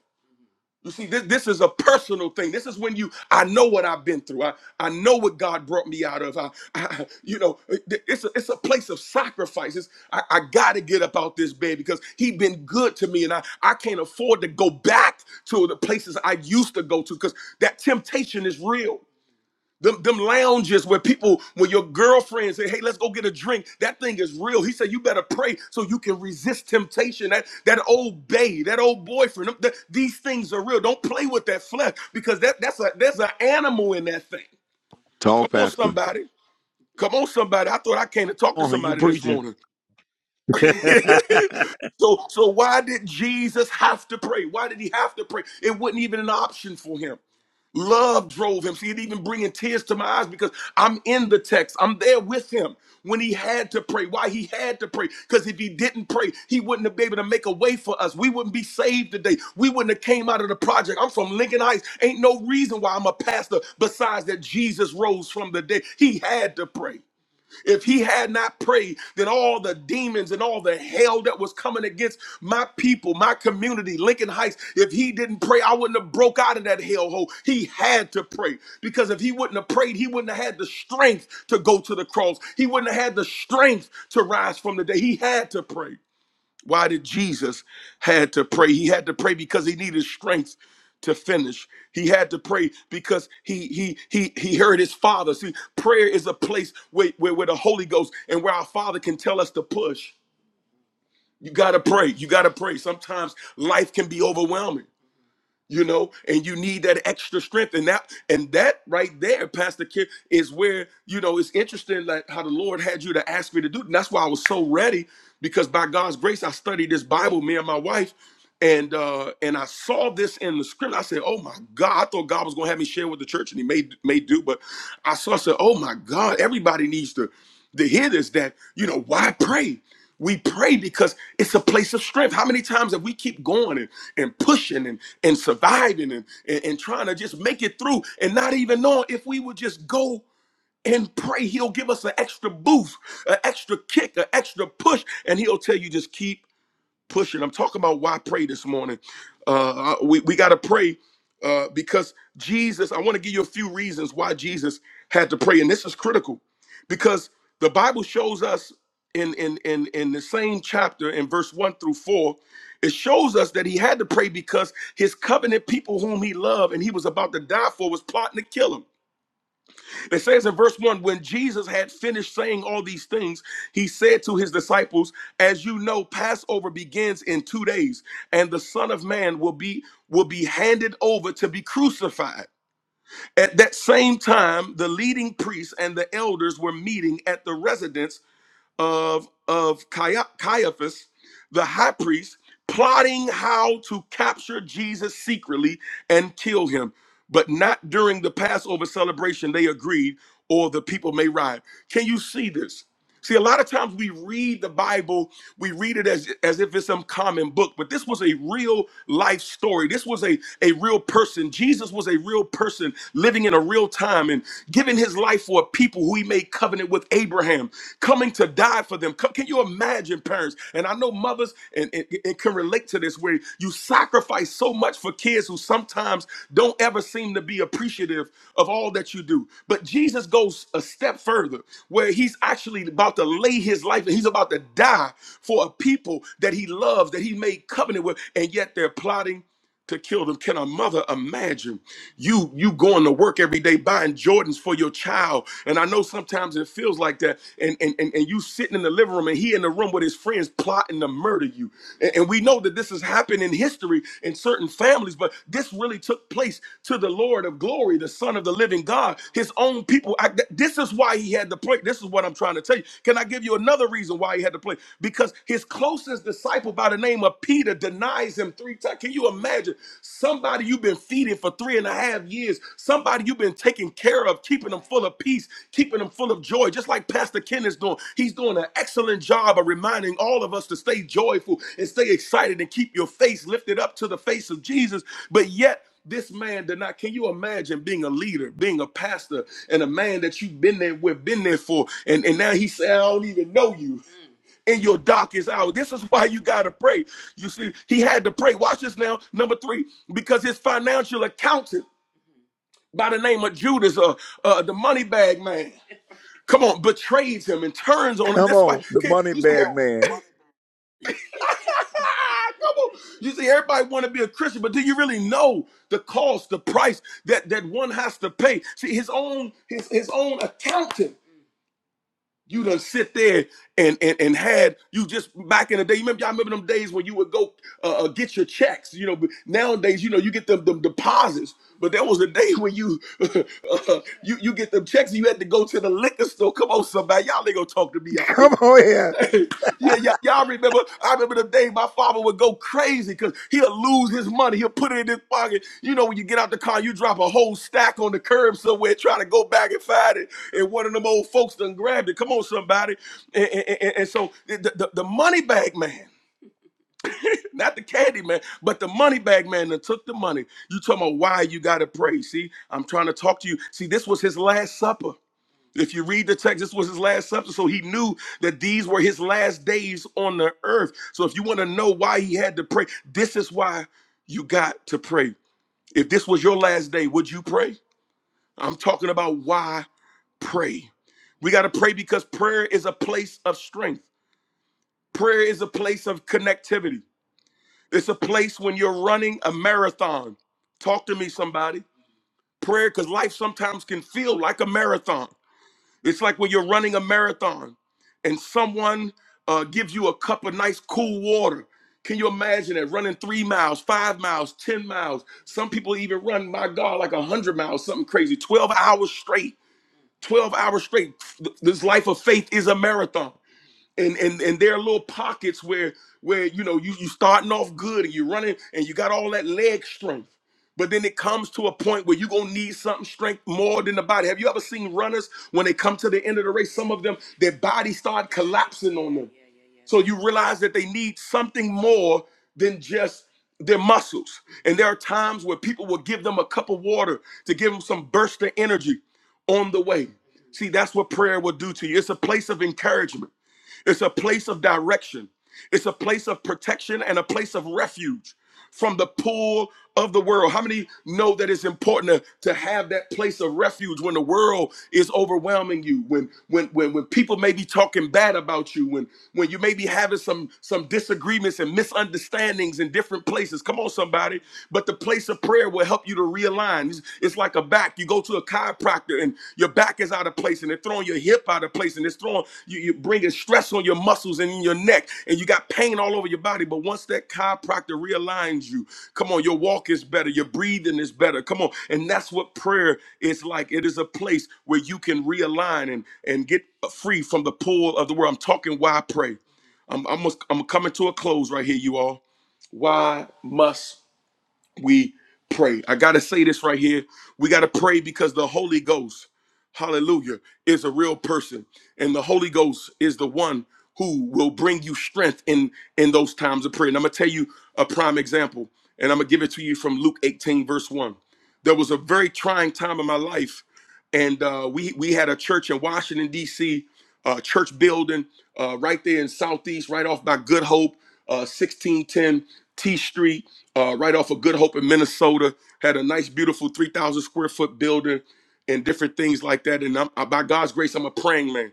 You see, this this is a personal thing. This is when you I know what I've been through. I, I know what God brought me out of. I, I you know, it- it's a, it's a place of sacrifices. I, I got to get up out this bed because He been good to me, and I I can't afford to go back to the places I used to go to because that temptation is real. Them, them lounges where people, when your girlfriend say, hey, let's go get a drink, that thing is real. He said, you better pray so you can resist temptation. That that old bae, that old boyfriend, them, th- these things are real. Don't play with that flesh because that that's a there's an animal in that thing. Come
Talk,
on,
Pastor.
somebody. Come on, somebody. I thought I came to talk to
Oh, you
somebody this
preaching.
morning. so so why did Jesus have to pray? Why did he have to pray? It wasn't even an option for him. Love drove him. See, it even bringing tears to my eyes because I'm in the text. I'm there with him when he had to pray. Why he had to pray? Because if he didn't pray, he wouldn't have been able to make a way for us. We wouldn't be saved today. We wouldn't have came out of the project. I'm from Lincoln Heights. Ain't no reason why I'm a pastor besides that Jesus rose from the dead. He had to pray. If he had not prayed, then all the demons and all the hell that was coming against my people, my community, Lincoln Heights, if he didn't pray, I wouldn't have broke out of that hellhole. He had to pray because if he wouldn't have prayed, he wouldn't have had the strength to go to the cross. He wouldn't have had the strength to rise from the dead. He had to pray. Why did Jesus had to pray? He had to pray because he needed strength to finish. He had to pray because he he he he heard his father. See, prayer is a place where, where, where the Holy Ghost and where our Father can tell us to push. You gotta pray. You gotta pray. Sometimes life can be overwhelming you know and you need that extra strength and that and that right there pastor kid is where you know it's interesting like how the lord had you to ask me to do it. and that's why i was so ready because by god's grace i studied this bible me and my wife and uh and i saw this in the script i said oh my god i thought god was gonna have me share with the church and he may may do but i saw I said oh my god everybody needs to the hit is that you know why pray we pray because it's a place of strength how many times have we keep going and, and pushing and, and surviving and, and, and trying to just make it through and not even knowing if we would just go and pray he'll give us an extra boost an extra kick an extra push and he'll tell you just keep pushing. I'm talking about why pray this morning. Uh, we we got to pray uh, because Jesus. I want to give you a few reasons why Jesus had to pray, and this is critical because the Bible shows us in in in in the same chapter in verse one through four. It shows us that he had to pray because his covenant people, whom he loved and he was about to die for, was plotting to kill him. It says in verse 1 when Jesus had finished saying all these things, he said to his disciples, As you know, Passover begins in two days, and the Son of Man will be will be handed over to be crucified. At that same time, the leading priests and the elders were meeting at the residence of of Caiaphas, the high priest, plotting how to capture Jesus secretly and kill him. But not during the Passover celebration, they agreed, or the people may riot. Can you see this? See, a lot of times we read the Bible, we read it as, as if it's some common book, but this was a real life story. This was a, a real person. Jesus was a real person living in a real time and giving his life for a people who he made covenant with Abraham, coming to die for them. Co- Can you imagine, parents? And I know mothers mothers and, and, and can relate to this, where you sacrifice so much for kids who sometimes don't ever seem to be appreciative of all that you do. But Jesus goes a step further, where he's actually about to lay his life and he's about to die for a people that he loves, that he made covenant with, and yet they're plotting to kill them. Can a mother imagine you you going to work every day buying Jordans for your child? And I know sometimes it feels like that. And and and, and you sitting in the living room and he in the room with his friends plotting to murder you. And, and we know that this has happened in history in certain families, but this really took place to the Lord of glory, the Son of the living God, his own people. I, th- this is why he had to play. This is what I'm trying to tell you. Can I give you another reason why he had to play? Because his closest disciple by the the name of Peter denies him three times. Can you imagine somebody you've been feeding for three and a half years, somebody you've been taking care of, keeping them full of peace, keeping them full of joy, just like Pastor Ken is doing. He's doing an excellent job of reminding all of us to stay joyful and stay excited and keep your face lifted up to the face of Jesus. But yet, this man did not. Can you imagine being a leader, being a pastor, and a man that you've been there with, been there for, and, and now he said, I don't even know you. in your darkest hour. This is why you got to pray. You see, he had to pray. Watch this now. Number three, because his financial accountant by the name of Judas, uh, uh, the money bag man, come on, betrays him and turns on him.
Come
That's why
on, the
can,
money
you see.
bag man.
Come on. You see, everybody want to be a Christian, but do you really know the cost, the price that, that one has to pay? See, his own his, his own accountant you done sit there and and and had you just back in the day. You remember y'all remember them days when you would go uh, uh, get your checks. You know, but nowadays you know you get them them deposits, but there was a day when you uh, you you get them checks and you had to go to the liquor store. Come on, somebody, y'all ain't gonna talk to me out there.
Come on here.
Yeah, y'all, y'all remember? I remember the day my father would go crazy because he'll lose his money. He'll put it in his pocket. You know, when you get out the car, you drop a whole stack on the curb somewhere, trying to go back and find it, and one of them old folks done grabbed it. Come on, somebody! And, and- and- and so the, the, the money bag man, not the candy man, but the money bag man that took the money. You talking about why you got to pray? See, I'm trying to talk to you. See, this was his last supper. If you read the text, this was his last substance. So he knew that these were his last days on the earth. So if you want to know why he had to pray, this is why you got to pray. If this was your last day, would you pray? I'm talking about why pray. We got to pray because prayer is a place of strength, prayer is a place of connectivity. It's a place when you're running a marathon. Talk to me, somebody. Prayer, because life sometimes can feel like a marathon. It's like when you're running a marathon and someone uh, gives you a cup of nice cool water. Can you imagine it running three miles, five miles, 10 miles? Some people even run, my God, like 100 miles, something crazy, 12 hours straight. 12 hours straight. This life of faith is a marathon and and and there are little pockets where where you know you you starting off good and you're running and you got all that leg strength but then it comes to a point where you're gonna need something strength more than the body have you ever seen runners when they come to the end of the race some of them their body start collapsing on them so you realize that they need something more than just their muscles and there are times where people will give them a cup of water to give them some burst of energy on the way see that's what prayer will do to you it's a place of encouragement it's a place of direction. It's a place of protection and a place of refuge from the pull of the world. How many know that it's important to, to have that place of refuge when the world is overwhelming you, when when when when people may be talking bad about you, when when you may be having some some disagreements and misunderstandings in different places. Come on, somebody. But the place of prayer will help you to realign. It's, it's like a back. You go to a chiropractor and your back is out of place and they're throwing your hip out of place and it's throwing you, you're bringing stress on your muscles and in your neck and you got pain all over your body but once that chiropractor realigns you come on your walk is better your breathing is better come on and that's what prayer is like it is a place where you can realign and and get free from the pull of the world i'm talking why pray i'm i'm, I'm coming to a close right here you all why must we pray. I got to say this right here. We got to pray because the Holy Ghost, hallelujah, is a real person. And the Holy Ghost is the one who will bring you strength in in those times of prayer. And I'm going to tell you a prime example, and I'm going to give it to you from Luke 18 verse 1. There was a very trying time in my life and uh, we we had a church in Washington D.C uh, church building uh, right there in Southeast, right off by Good Hope, uh, 1610 T Street, uh, right off of Good Hope in Minnesota. Had a nice, beautiful 3,000 square foot building and different things like that. And I'm, I, by God's grace, I'm a praying man.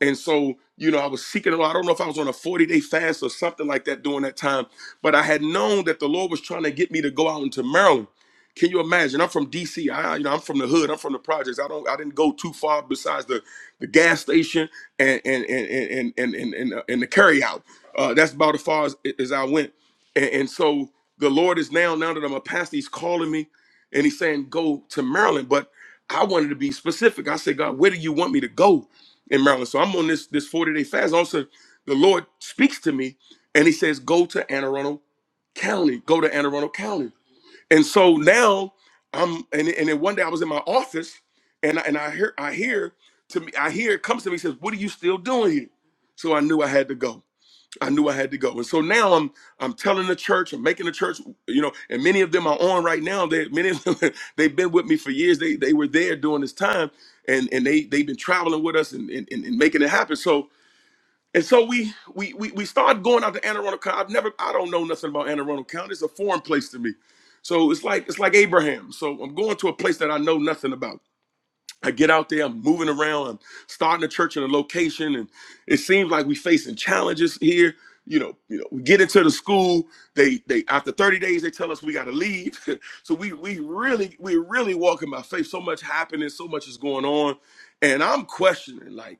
And so, you know, I was seeking the Lord. I don't know if I was on a 40 day fast or something like that during that time, but I had known that the Lord was trying to get me to go out into Maryland. Can you imagine? I'm from DC. I, you know, I'm from the hood. I'm from the projects. I don't. I didn't go too far besides the the gas station and and and and and and, and, uh, and the carry out. Uh, that's about as far as, as I went. And, and so the Lord is now, now that I'm a pastor, he's calling me and he's saying, go to Maryland. But I wanted to be specific. I said, God, where do you want me to go in Maryland? So I'm on this this 40 day fast. Also, the Lord speaks to me and he says, go to Anne Arundel County. Go to Anne Arundel County. And so now I'm and, and then one day I was in my office and I, and I hear I hear to me I hear it comes to me says what are you still doing here? So I knew I had to go. I knew I had to go. And so now I'm I'm telling the church, I'm making the church, you know, and many of them are on right now. They many of them they've been with me for years. They they were there during this time and and they they've been traveling with us and and, and and making it happen. So and so we we we, we started going out to Anne Arundel County. I've never I don't know nothing about Anne Arundel County. It's a foreign place to me. So it's like it's like Abraham. So I'm going to a place that I know nothing about. I get out there, I'm moving around, I'm starting a church in a location, and it seems like we facing challenges here. You know, you know, we get into the school, they they after 30 days they tell us we gotta leave. so we we really, we really walking by faith. So much happening, so much is going on. And I'm questioning, like,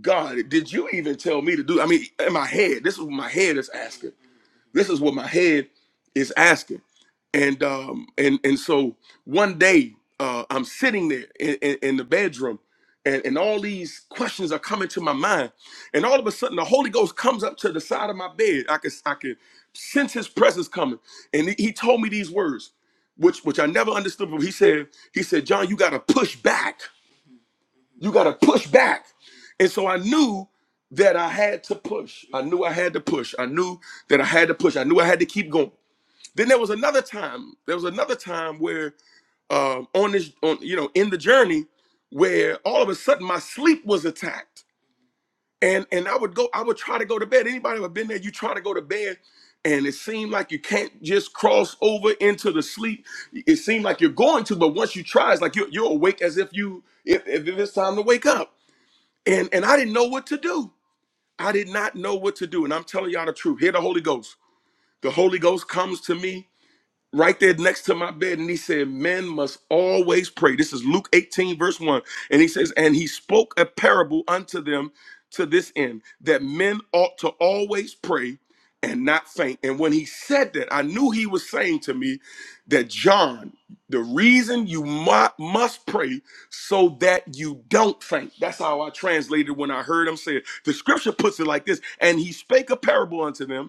God, did you even tell me to do? I mean, in my head, this is what my head is asking. This is what my head is asking. And um and and so one day uh I'm sitting there in, in, in the bedroom and, and all these questions are coming to my mind. And all of a sudden the Holy Ghost comes up to the side of my bed. I could I could sense his presence coming. And he he told me these words, which which I never understood, but he said, he said, John, you gotta push back you got to push back. And so I knew that I had to push. I knew I had to push. I knew that I had to push. I knew I had to keep going. Then there was another time. There was another time where um, on this, on you know, in the journey, where all of a sudden my sleep was attacked, and and I would go. I would try to go to bed. Anybody ever been there? You try to go to bed. And it seemed like you can't just cross over into the sleep. It seemed like you're going to, but once you try, it's like you're, you're awake as if you, if, if it's time to wake up and and I didn't know what to do. I did not know what to do, and I'm telling y'all the truth. Hear the Holy Ghost. The Holy Ghost comes to me right there next to my bed and he said men must always pray this is luke 18 verse 1 and he says and he spoke a parable unto them to this end that men ought to always pray and not faint and when he said that i knew he was saying to me that john the reason you mu- must pray so that you don't faint that's how i translated when i heard him say it the scripture puts it like this and he spake a parable unto them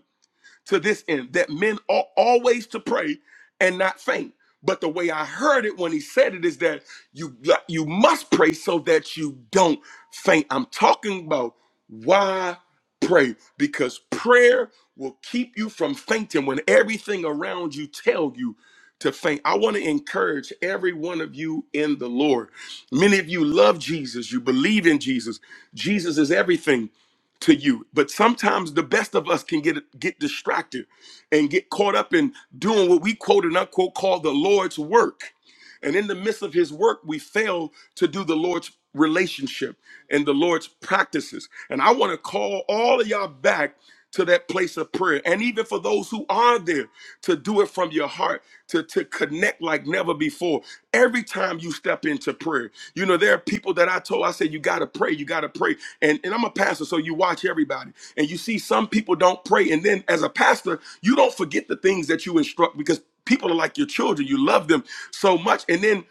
to this end that men ought always to pray and not faint. But the way I heard it when he said it is that you like, you must pray so that you don't faint. I'm talking about why pray because prayer will keep you from fainting when everything around you tell you to faint. I want to encourage every one of you in the Lord. Many of you love Jesus, you believe in Jesus. Jesus is everything to you. But sometimes the best of us can get get distracted and get caught up in doing what we quote and unquote call the Lord's work and in the midst of his work, we fail to do the Lord's relationship and the Lord's practices. And I want to call all of y'all back to that place of prayer. And even for those who are there, to do it from your heart, to, to connect like never before. Every time you step into prayer, you know, there are people that I told, I said, you got to pray, you got to pray. And, and I'm a pastor, so you watch everybody. And you see some people don't pray. And then as a pastor, you don't forget the things that you instruct because people are like your children. You love them so much. And then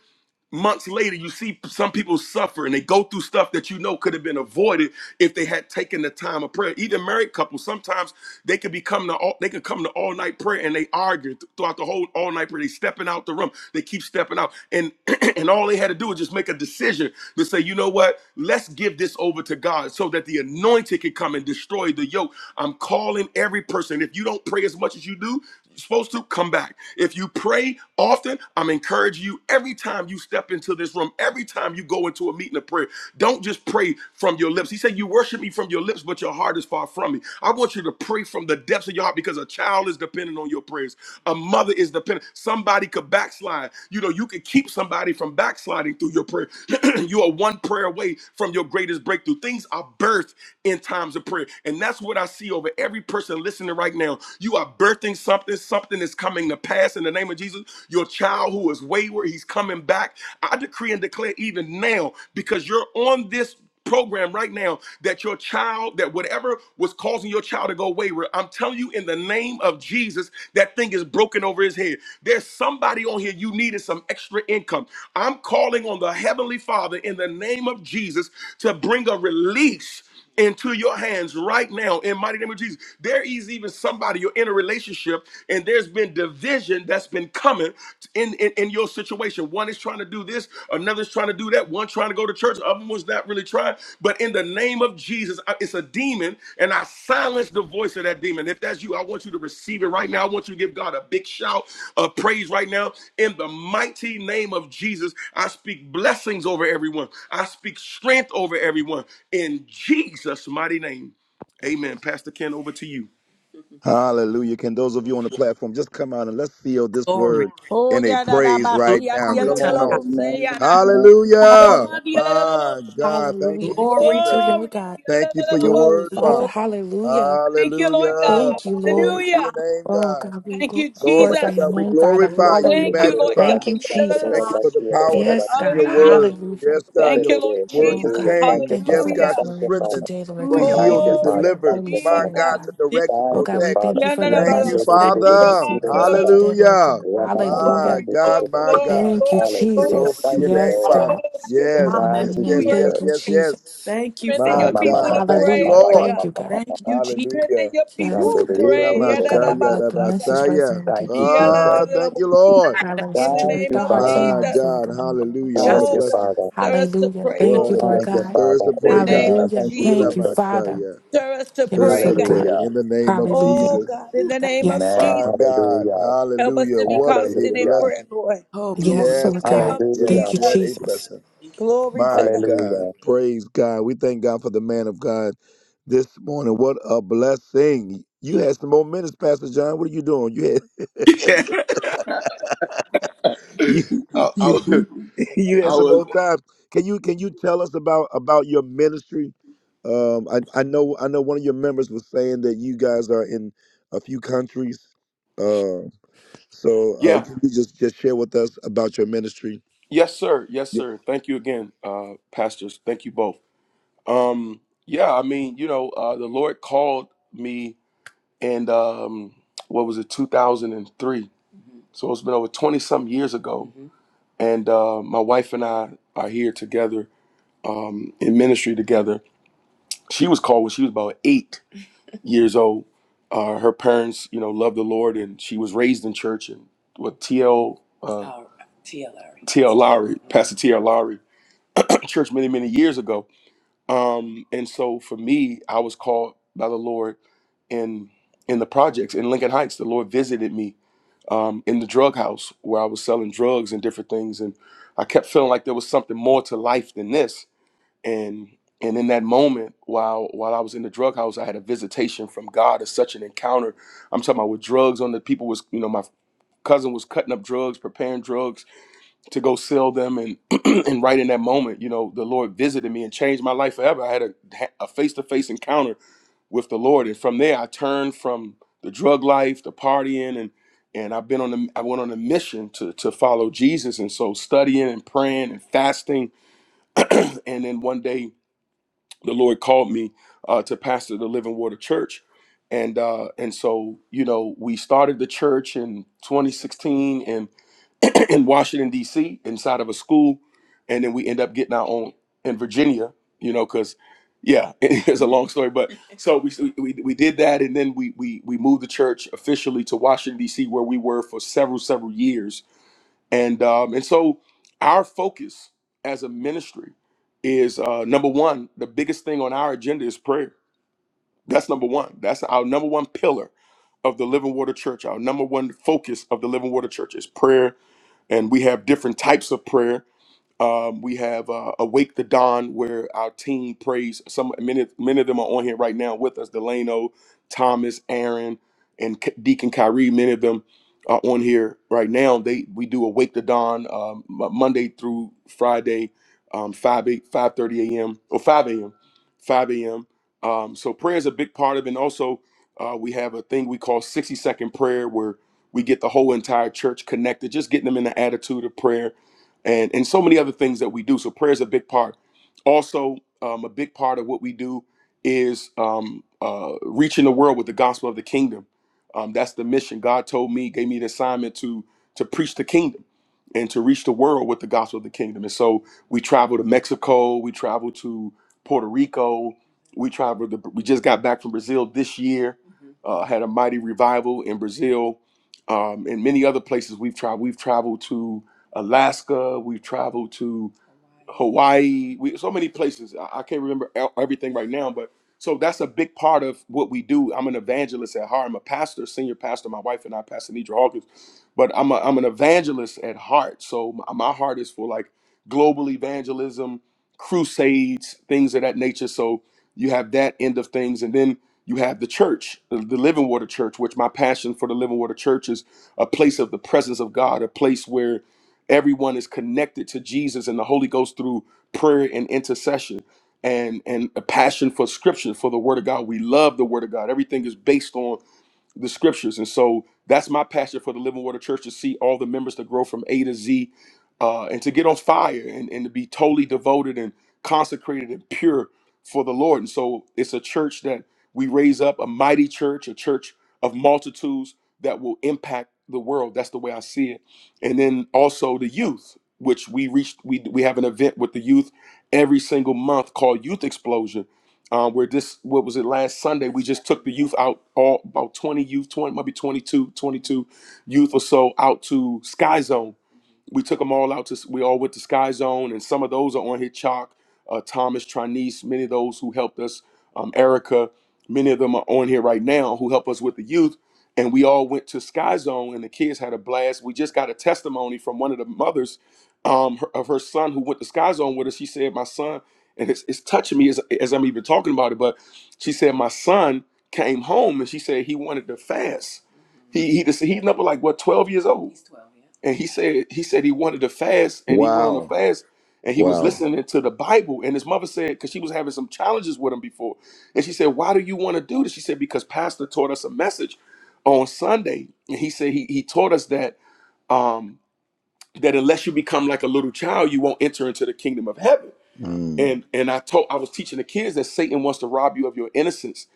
months later, you see some people suffer and they go through stuff that you know could have been avoided if they had taken the time of prayer. Even married couples, sometimes they could become the all, they could come to all night prayer and they argue th- throughout the whole all night prayer. They stepping out the room, they keep stepping out, and and all they had to do was just make a decision to say, you know what, let's give this over to God so that the anointing can come and destroy the yoke. I'm calling every person. If you don't pray as much as you do supposed to come back. If you pray often, I'm encouraging you every time you step into this room, every time you go into a meeting of prayer, don't just pray from your lips. He said, You worship me from your lips, but your heart is far from me. I want you to pray from the depths of your heart because a child is dependent on your prayers. A mother is dependent. Somebody could backslide. You know, you could keep somebody from backsliding through your prayer. you are one prayer away from your greatest breakthrough. Things are birthed in times of prayer. And that's what I see over every person listening right now now. You are birthing something. Something is coming to pass in the name of Jesus. Your child who is wayward, he's coming back. I decree and declare even now, because you're on this program right now that your child that whatever was causing your child to go wayward i'm telling you in the name of jesus that thing is broken over his head there's somebody on here you needed some extra income i'm calling on the heavenly father in the name of jesus to bring a release into your hands right now in mighty name of Jesus. There is even somebody you're in a relationship and there's been division that's been coming in, in, in your situation. One is trying to do this, another's trying to do that, one trying to go to church, the other one's not really trying. But in the name of Jesus, I- it's a demon and I silence the voice of that demon. If that's you, I want you to receive it right now. I want you to give God a big shout of praise right now. In the mighty name of Jesus, I speak blessings over everyone. I speak strength over everyone. In Jesus' mighty name. Amen. Pastor Ken, over to you.
Hallelujah. Can those of you on the platform just come out and let's seal this
Glory.
word
Oh,
in a
yeah, da
praise right
basi, yada
now?
Glory
yada
Come
da
to
on
Hallelujah. Thank
God.
off.
labo, say da He called
Hallelujah.
Glory.
my yada da labo.
My God. Thank
Hallelujah.
you,
I
Glory
Thank
to
you,
Jesus.
God.
Lord
Glory.
God.
Thank you for your
Glory,
word,
Father.
Glory.
Father.
Hallelujah.
Thank you, Lord God.
Hallelujah.
Thank you,
Glory
Lord.
to
Hallelujah.
your
our
name,
Oh,
God.
God, we
Thank
glor-
you,
Glory
glorify
to
your
Jesus.
God. We
name,
Lord
Father.
glorify you. We
Thank you,
Hallelujah.
Lord
magnify
God.
Thank
you.
you,
Thank
Jesus.
you
God.
for the power that
Yes,
is in
God.
your
Hallelujah.
word.
Hallelujah.
Yes, God,
Thank
your
you, Lord
word
Oh,
to
Jesus.
God, we
change.
you,
thank you for
Yes,
Father.
God,
this
Hallelujah.
to
Thank you,
word on
Father.
strengthen,
today, Lord
to
God.
Hallelujah.
We
heal,
Thank
We
you,
to
thank you for
Glory,
Father.
your
deliver.
Thank
Holy
you,
thank
My
Jesus.
Father.
Spirit,
God, to
God.
you.
direct, to
Oh,
Thank you,
God, we
protect.
Father.
thank you for
Glory,
the
Thank you,
message,
Thank
Father, that was
Father.
sent forth for today, Lord
Hallelujah.
God.
My
Hallelujah.
God,
glory,
my
glory,
God.
Thank you,
you.
glory, glory.
Hallelujah.
Glory
Lord.
Jesus.
to
Thank
your
you,
name,
Yes,
Lord.
Oh,
Father.
God.
strengthen
In
Yes,
the
your
Thank
yes,
people
mighty
you,
to
name.
yes,
Hallelujah.
pray,
yes,
Thank
Jesus.
you,
Lord
yes,
God.
yes.
Jesus.
Thank you,
Strengthen
Father.
Oh,
My
your
God.
people to
God. Thank you,
pray,
Hallelujah.
Lord
Lord.
Thank
God.
you, God.
Thank you, Jesus.
Strengthen
Hallelujah.
your
Yes,
people
Ooh,
to
God.
thank,
Ela
pray.
Oh, God.
mashaya
Let
da
the
Yadadabasada.
message
thank,
basaya.
resonate with your
Thank you,
In
people,
Jesus.
Lord
Ah,
God.
thank you, Lord.
God,
thank
let us
the
Thank
saturate
name
you,
their
of
hearts
Father.
and
My
Jesus.
minds, Lord
God,
God. In the name of
hallelujah.
God.
What
Thank
a
you,
Oh
Jesus.
God,
blessing.
Father.
stir us to
Hallelujah.
pray,
Thank
What
you,
Lord.
a
Lord
Thank
blessing.
you,
God.
Stir us
Father.
to
In the
pray,
name
God.
Amen.
of
Hallelujah.
Thank you,
Ooh,
Thank
Jesus.
you,
Jesus.
Father.
Yilamashaya.
Stir us to
Stir us
Yes,
pray,
to
Lord
God.
thank, thank,
God.
pray
Hallelujah.
in the name of
Hallelujah.
Oh
Jesus.
God, in
ooh,
the
thank
name of
Yes,
Amen.
God.
you.
Jesus.
My God.
Hallelujah.
Help us
Hallelujah.
to be
What a
constant in
Hallelujah.
prayer,
blessing.
Lord.
Oh, glory.
Yes,
In
Yes,
the
Lord
name
God.
God.
of
Yes,
Thank
Hallelujah.
you,
what
Jesus.
a
Jesus.
blessing.
Glory to
My
God.
God.
Hallelujah.
Praise God. We thank God for the man of God this morning. What a blessing. You had some more minutes, Pastor John. What are you doing? You had
Yeah.
you
I, I was,
you you
I
had some
was,
old times. Can you can you tell us about about your ministry? Um, I I know I know one of your members was saying that you guys are in a few countries. Uh, so uh,
Yeah.
can you just just share with us about your ministry?
Yes, sir. Yes,
Yeah.
sir. Thank you again, uh, pastors. Thank you both. Um, yeah, I mean, you know, uh, the Lord called me and um, what was it, 2003. So it's been over 20 some years ago. Mm-hmm. And uh, my wife and I are here together um, in ministry together. She was called when she was about eight years old. Uh, her parents, you know, loved the Lord and she was raised in church. And what TL, uh, TL Lowry, T L Lowry, mm-hmm. Pastor TL Lowry, church many, many years ago. Um, and so for me, I was called by the Lord in in the projects in Lincoln Heights. The Lord visited me um, in the drug house where I was selling drugs and different things, and I kept feeling like there was something more to life than this. And and in that moment, while while I was in the drug house, I had a visitation from God. It's such an encounter. I'm talking about with drugs on the people was you know my cousin was cutting up drugs, preparing drugs to go sell them and and right in that moment you know the lord visited me and changed my life forever i had a a face-to-face encounter with the lord and from there i turned from the drug life the partying and and i've been on the i went on a mission to to follow jesus and so studying and praying and fasting and then one day the lord called me uh, to pastor the living water church and uh and so you know we started the church in 2016 and. in Washington D.C. inside of a school, and then we end up getting our own in Virginia. You know, because yeah, it's a long story, but so we, so we we did that, and then we we we moved the church officially to Washington D.C. where we were for several several years, and um and so our focus as a ministry is uh number one the biggest thing on our agenda is prayer that's number one that's our number one pillar of the living water church our number one focus of the living water church is prayer and we have different types of prayer um, we have uh, Awake the Dawn, where our team prays. Some many, many of them are on here right now with us. Delano, Thomas, Aaron, and K- Deacon Kyrie. Many of them are on here right now. They we do Awake the Dawn um, Mo- Monday through Friday, um, 5 5:30 a.m. or 5 a.m. 5 a.m. Um, so prayer is a big part of it. And also, uh, we have a thing we call 60 second prayer, where we get the whole entire church connected, just getting them in the attitude of prayer and and so many other things that we do. So prayer is a big part. Also, um, a big part of what we do is um, uh, reaching the world with the gospel of the kingdom. Um, that's the mission. God told me, gave me the assignment to to preach the kingdom and to reach the world with the gospel of the kingdom. And so we travel to Mexico, we travel to Puerto Rico, we travel. To, we just got back from Brazil this year. Uh, had a mighty revival in Brazil, um, and many other places we've traveled. We've traveled to Alaska. We've traveled to Hawaii. We so many places. I, I can't remember e- everything right now, but so that's a big part of what we do. I'm an evangelist at heart. I'm a pastor, senior pastor. My wife and I, Pastor Nidra Hawkins, but I'm a, I'm an evangelist at heart. So my, my heart is for like global evangelism, crusades, things of that nature. So you have that end of things, and then you have the church, the the Living Water Church, which my passion for the Living Water Church is a place of the presence of God, a place where everyone is connected to Jesus and the Holy Ghost through prayer and intercession and and a passion for scripture for the word of God. We love the word of God. Everything is based on the scriptures. And so that's my passion for the Living Water Church to see all the members to grow from A to Z uh, and to get on fire and, and to be totally devoted and consecrated and pure for the Lord. And so it's a church that we raise up, a mighty church, a church of multitudes that will impact the world. That's the way I see it. And then also the youth, which we reached, we, we have an event with the youth every single month called Youth Explosion uh, where this what was it last sunday we just took the youth out all about 20 youth 20 maybe 22, 22 youth or so out to sky zone we took them all out to we all went to sky zone and some of those are on here chalk uh, thomas trinice many of those who helped us um, erica many of them are on here right now who help us with the youth and we all went to sky zone and the kids had a blast we just got a testimony from one of the mothers um, her- of her son who went to sky zone with us she said my son and it's, it's touching me as, as I'm even talking about it. But she said my son came home and she said he wanted to fast. He he just, he's number like what twelve years old. He's twelve, yeah. And he said he said he wanted to fast and he went on a
Wow.
fast and he was
Wow.
listening to the Bible. And his mother said because she was having some challenges with him before, and she said why do you want to do this? She said because Pastor taught us a message on Sunday and he said he he taught us that um that unless you become like a little child you won't enter into the kingdom of heaven
Mm,
and and I told I was teaching the kids that Satan wants to rob you of your innocence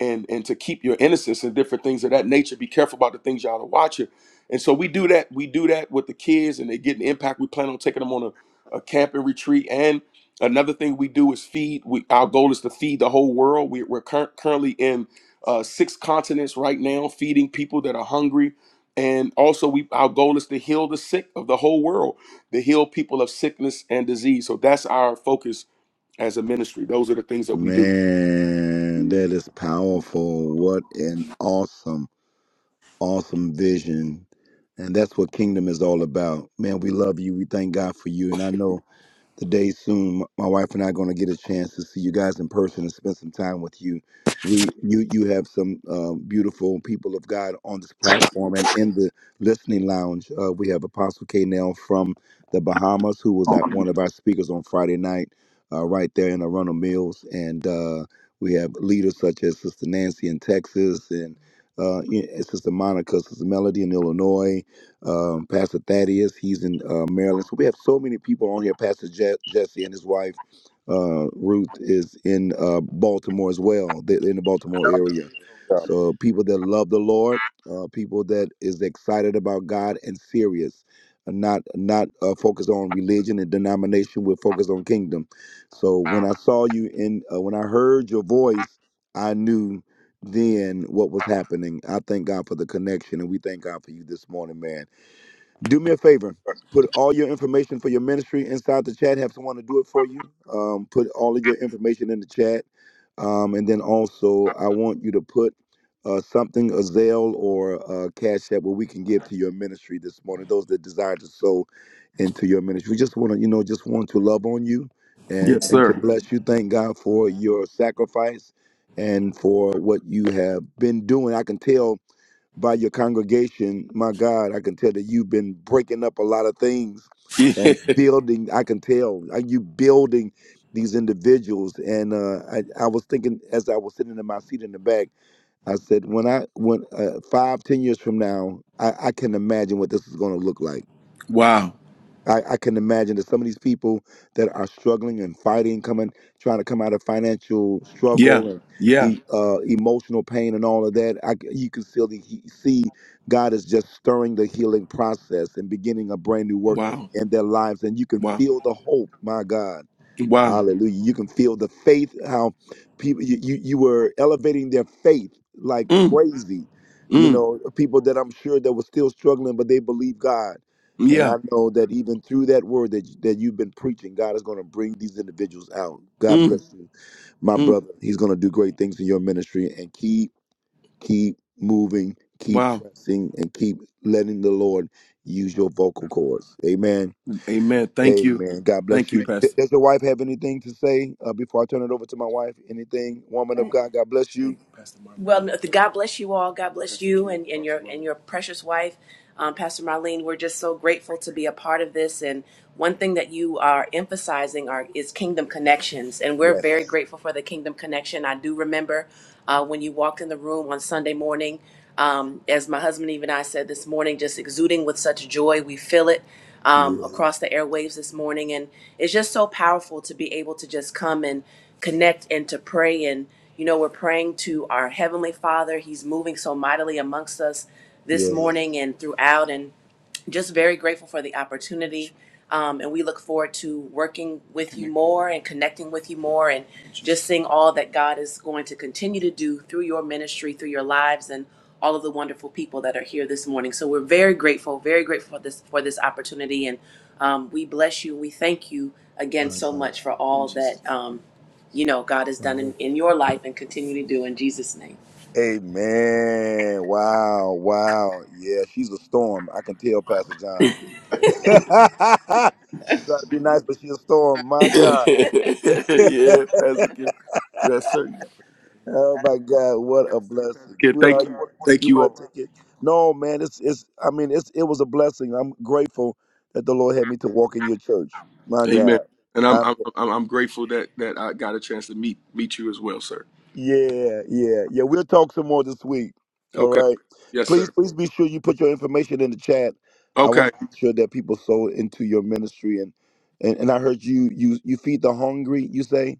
and and to keep your innocence and different things of that nature. Be careful about the things y'all are watching. And so we do that. We do that with the kids, and they get an impact. We plan on taking them on a, a camping retreat. And another thing we do is feed. We our goal is to feed the whole world. We, we're cur- currently in uh, six continents right now, feeding people that are hungry. And also, we our goal is to heal the sick of the whole world, to heal people of sickness and disease. So that's our focus as a ministry. Those are the things that we do.
man, that is powerful. What an awesome, awesome vision. And that's what kingdom is all about. Man, we love you. We thank God for you. And I know the day soon. My wife and I are going to get a chance to see you guys in person and spend some time with you. We, you, you have some uh, beautiful people of God on this platform and in the listening lounge. Uh, we have Apostle K. Nell from the Bahamas, who was at one of our speakers on Friday night, uh, right there in Arundel Mills, and uh, we have leaders such as Sister Nancy in Texas and uh, you know, Sister Monica, Sister Melody in Illinois, um, Pastor Thaddeus. He's in uh, Maryland. So we have so many people on here. Pastor Je- Jesse and his wife uh, Ruth is in uh, Baltimore as well. They're in the Baltimore
Yeah.
area. So people that love the Lord, uh, people that is excited about God and serious, and not not uh, focused on religion and denomination. We're focused on kingdom. So when I saw you in, uh, when I heard your voice, I knew then what was happening. I thank God for the connection, and we thank God for you this morning, man do me a favor put all your information for your ministry inside the chat have someone to do it for you um, put all of your information in the chat um, and then also i want you to put uh, something a zelle or a cash app where we can give to your ministry this morning those that desire to sow into your ministry we just want to you know just want to love on you and
Yes,
and to
sir.
bless you thank god for your sacrifice and for what you have been doing i can tell by your congregation, my God, I can tell that you've been breaking up a lot of things
Yeah.
and building. I can tell uh, you building these individuals. And uh, I, I was thinking as I was sitting in my seat in the back, I said, when I when uh, five, ten years from now, I, I can imagine what this is going to look like.
Wow.
I, I can imagine that some of these people that are struggling and fighting, coming, trying to come out of financial
Yeah.
struggle and
Yeah.
e- uh, emotional pain and all of that, I c you can still the, he- see God is just stirring the healing process and beginning a brand new work
Wow.
in their lives, and you can
Wow.
feel the hope. My God
Wow.
Hallelujah. You can feel the faith, how people, you, you, you were elevating their faith like
Mm.
crazy. You
Mm.
know, people that I'm sure that were still struggling, but they believe God. And
Yeah.
I know that even through that word that, that you've been preaching, God is going to bring these individuals out. God
Mm.
bless you, my
Mm.
brother. He's going to do great things in your ministry and keep, keep moving, keep
Wow.
pressing, and keep letting the Lord use your vocal cords. Amen.
Amen. Thank you.
Amen. God
Thank
bless
you,
you. D-
Pastor.
does your wife have anything to say uh, before I turn it over to my wife? Anything, woman of God? God bless
Thank
you.
you, Pastor Marlene. Well, no, God bless you all. God bless you and, and your and your precious wife, um, Pastor Marlene. We're just so grateful to be a part of this. And one thing that you are emphasizing are is kingdom connections, and we're
Yes.
very grateful for the kingdom connection. I do remember uh, when you walked in the room on Sunday morning, um, as my husband even I said this morning, just exuding with such joy. We feel it um,
Yeah.
across the airwaves this morning. And it's just so powerful to be able to just come and connect and to pray. And, you know, we're praying to our Heavenly Father. He's moving so mightily amongst us this
Yeah.
morning and throughout. And just very grateful for the opportunity. Um, and we look forward to working with you more and connecting with you more and just seeing all that God is going to continue to do through your ministry, through your lives, and all of the wonderful people that are here this morning. So we're very grateful, very grateful for this for this opportunity, and um, we bless you. We thank you again
My
so
God.
much for all that um, you know God has
My
done in,
God.
in your life and continue to do in Jesus' name.
Amen. Wow. Wow. Yeah. She's a storm. I can tell, Pastor John. she's trying to be nice, but she's a storm. My
yeah,
God.
that's a good. Yes, sir.
Oh my God, what a blessing,
Again, thank
sweetheart! You
you,
want
thank
you
you
want
all.
to take it? No, man, it's it's. I mean, it's it was a blessing. I'm grateful that the Lord had me to walk in your church. My
Amen.
God,
And I'm
I'm
I'm I'm I'm grateful that that I got a chance to meet meet you as well, sir.
yeah, yeah, yeah. We'll talk some more this week. All
Okay.
right,
Yes,
please,
sir.
please be sure you put your information in the chat. I
Okay.
want to be sure that people sow into your ministry and and, and I heard you you you feed the hungry. You say,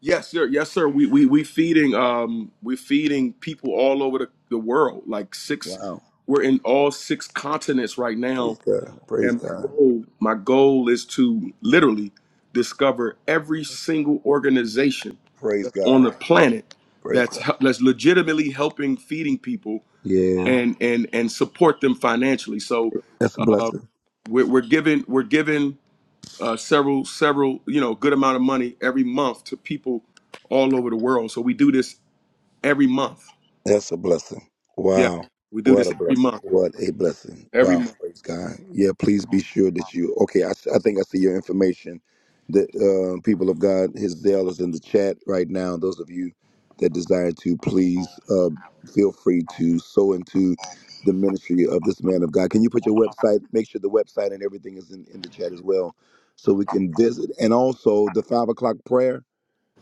Yes, sir. Yes, sir. We we we feeding um we feeding people all over the, the world. Like six,
wow,
we're in all six continents right now.
praise God, praise
And my
God,
goal my goal is to literally discover every single organization
praise
that's on
God,
the planet
praise
that's
God.
hel- that's legitimately helping feeding people
Yeah.
and and and support them financially. So
That's a
uh,
blessing.
we're, we're giving we're giving uh, several several you know good amount of money every month to people all over the world. So we do this every month.
That's a blessing.
Yeah,
Wow.
we do
What
this
a
every
blessing.
month.
What a blessing.
Every
Wow.
month.
Praise God. Yeah, please be sure that you. Okay, I, s- I think I see your information. The uh, people of God, his Dale is in the chat right now. Those of you that desire to, please uh, feel free to sow into the ministry of this man of God. Can you put your website, make sure the website and everything is in, in the chat as well so we can visit? And also the five o'clock prayer,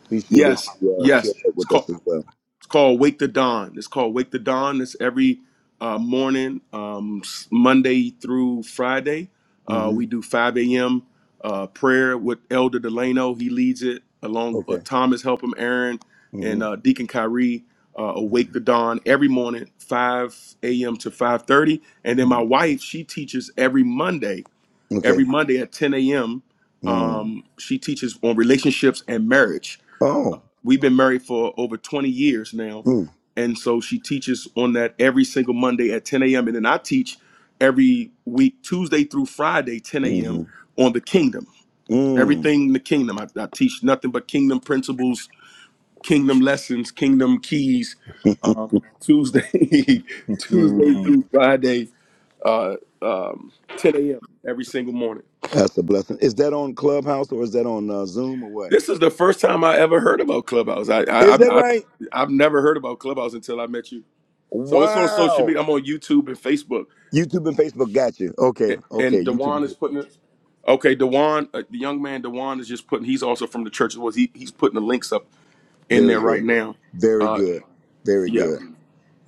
be sure that
Yes,
you uh,
yes.
share that
It's
with
called
us as well.
It's called Wake the Dawn. It's called Wake the Dawn. It's every uh, morning, um, Monday through Friday. Uh,
Mm-hmm.
we do 5 a.m. Uh, prayer with Elder Delano. He leads it along uh,
Okay.
Thomas, help him, Aaron, and
hmm
uh, Deacon Kyrie. Uh, awake the dawn every morning 5 a.m to 5.30 and then
hmm
my wife she teaches every monday
Okay.
every monday at 10 a.m
Mm.
um, she teaches on relationships and marriage
Oh.
We've been married for over 20 years now.
Mm.
And so she teaches on that every single Monday at 10 a.m. And then I teach every week, Tuesday through Friday, 10 a.m.
hmm
on the kingdom.
Mm.
Everything in the kingdom. I, I teach nothing but kingdom principles, kingdom lessons, kingdom keys. Um, Tuesday, Tuesday
Mm.
through Friday, uh, um, 10 a.m. every single morning.
That's a blessing. Is that on Clubhouse or is that on uh, Zoom or what?
This is the first time I ever heard about Clubhouse. I, I,
Is that
I, I
right?
I've never heard about Clubhouse until I met you. So it's on social
Wow.
media. I'm on YouTube and Facebook.
YouTube and Facebook got you. Okay.
A- And
Okay. YouTube
Dewan
and
is
Facebook.
putting it. Okay, Dewan, uh, the young man Dewan is just putting. He's also from the church. Was he? He's putting the links up in there
Very
right
good.
now.
Very
Uh,
good. Very
yeah,
good.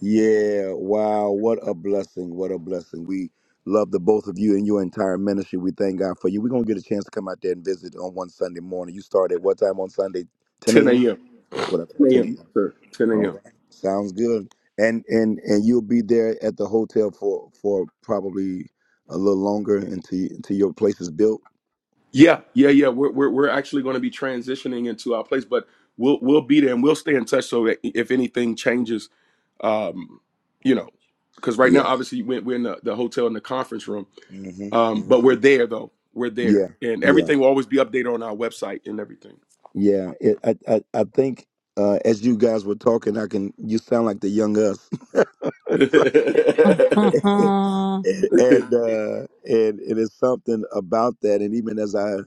Yeah, wow, what a blessing, what a blessing. We love the both of you and your entire ministry. We thank God for you. We're going to get a chance to come out there and visit on one Sunday morning. You start at what time on Sunday? 10
10
a.m.?
a.m.
That's what I thought,
10
10
a.m. Yes,
a.m.
sir. 10
All
a.m.
right, sounds good. And and and you'll be there at the hotel for for probably a little longer until until your place is built.
Yeah, yeah, yeah. We're we're, we're actually going to be transitioning into our place, but we'll we'll be there and we'll stay in touch so that if anything changes, um, you know, because right
Yeah.
now obviously we're, we're in the, the hotel in the conference room.
hmm
Um, but
hmm
we're there though. We're
Yeah.
there, and
Yeah.
everything will always be updated on our website and everything.
Yeah. It, I, I I think uh, as you guys were talking, I can you sound like the young us
Mhm.
and and, uh, and it is something about that. And even as I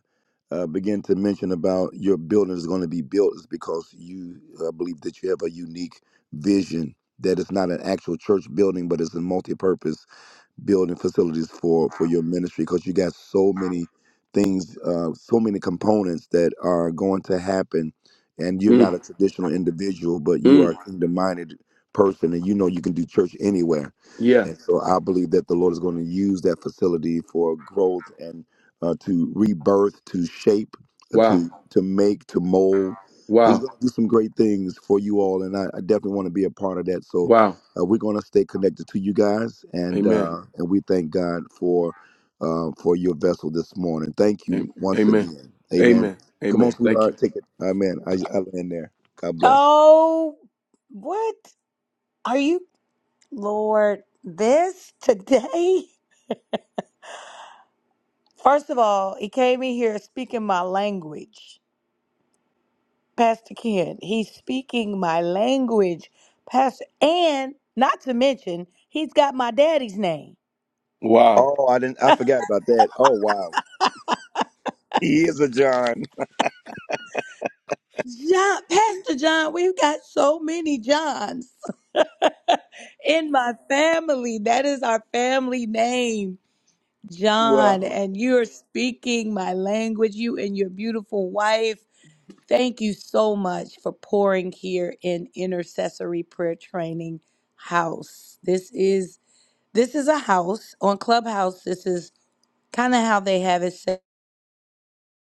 uh, begin to mention about your building is going to be built, is because you uh, believe that you have a unique vision that it's not an actual church building, but it's a multi-purpose building facilities for for your ministry because you got so many things uh so many components that are going to happen and you're not
Mm,
a traditional individual but you
mm,
are a kingdom minded person and you know you can do church anywhere
yeah.
and so i believe that the lord is going to use that facility for growth and uh, to rebirth to shape uh,
Wow.
to to make to mold he's
Wow.
going to do some great things for you all and i, I definitely want to be a part of that so
Wow.
uh, we're going to stay connected to you guys, and
Amen.
uh, and we thank God for uh, for your vessel this morning. Thank
A-
you once
Amen.
again. Amen.
Amen.
Come on,
Amen. Thank you.
sweetheart, take it. Amen. I I land there. God bless.
oh, what are you, Lord? This today? First of all, he came in here speaking my language. Pastor Ken. He's speaking my language, Pastor, and not to mention, he's got my daddy's name.
Wow.
Oh, I didn't. I forgot about that. Oh, wow. He is a John.
John, Pastor John, we've got so many Johns in my family. That is our family name, John.
Wow.
And you're speaking my language, you and your beautiful wife. Thank you so much for pouring here in Intercessory Prayer Training House. This is This is a house on Clubhouse. This is kind of how they have it set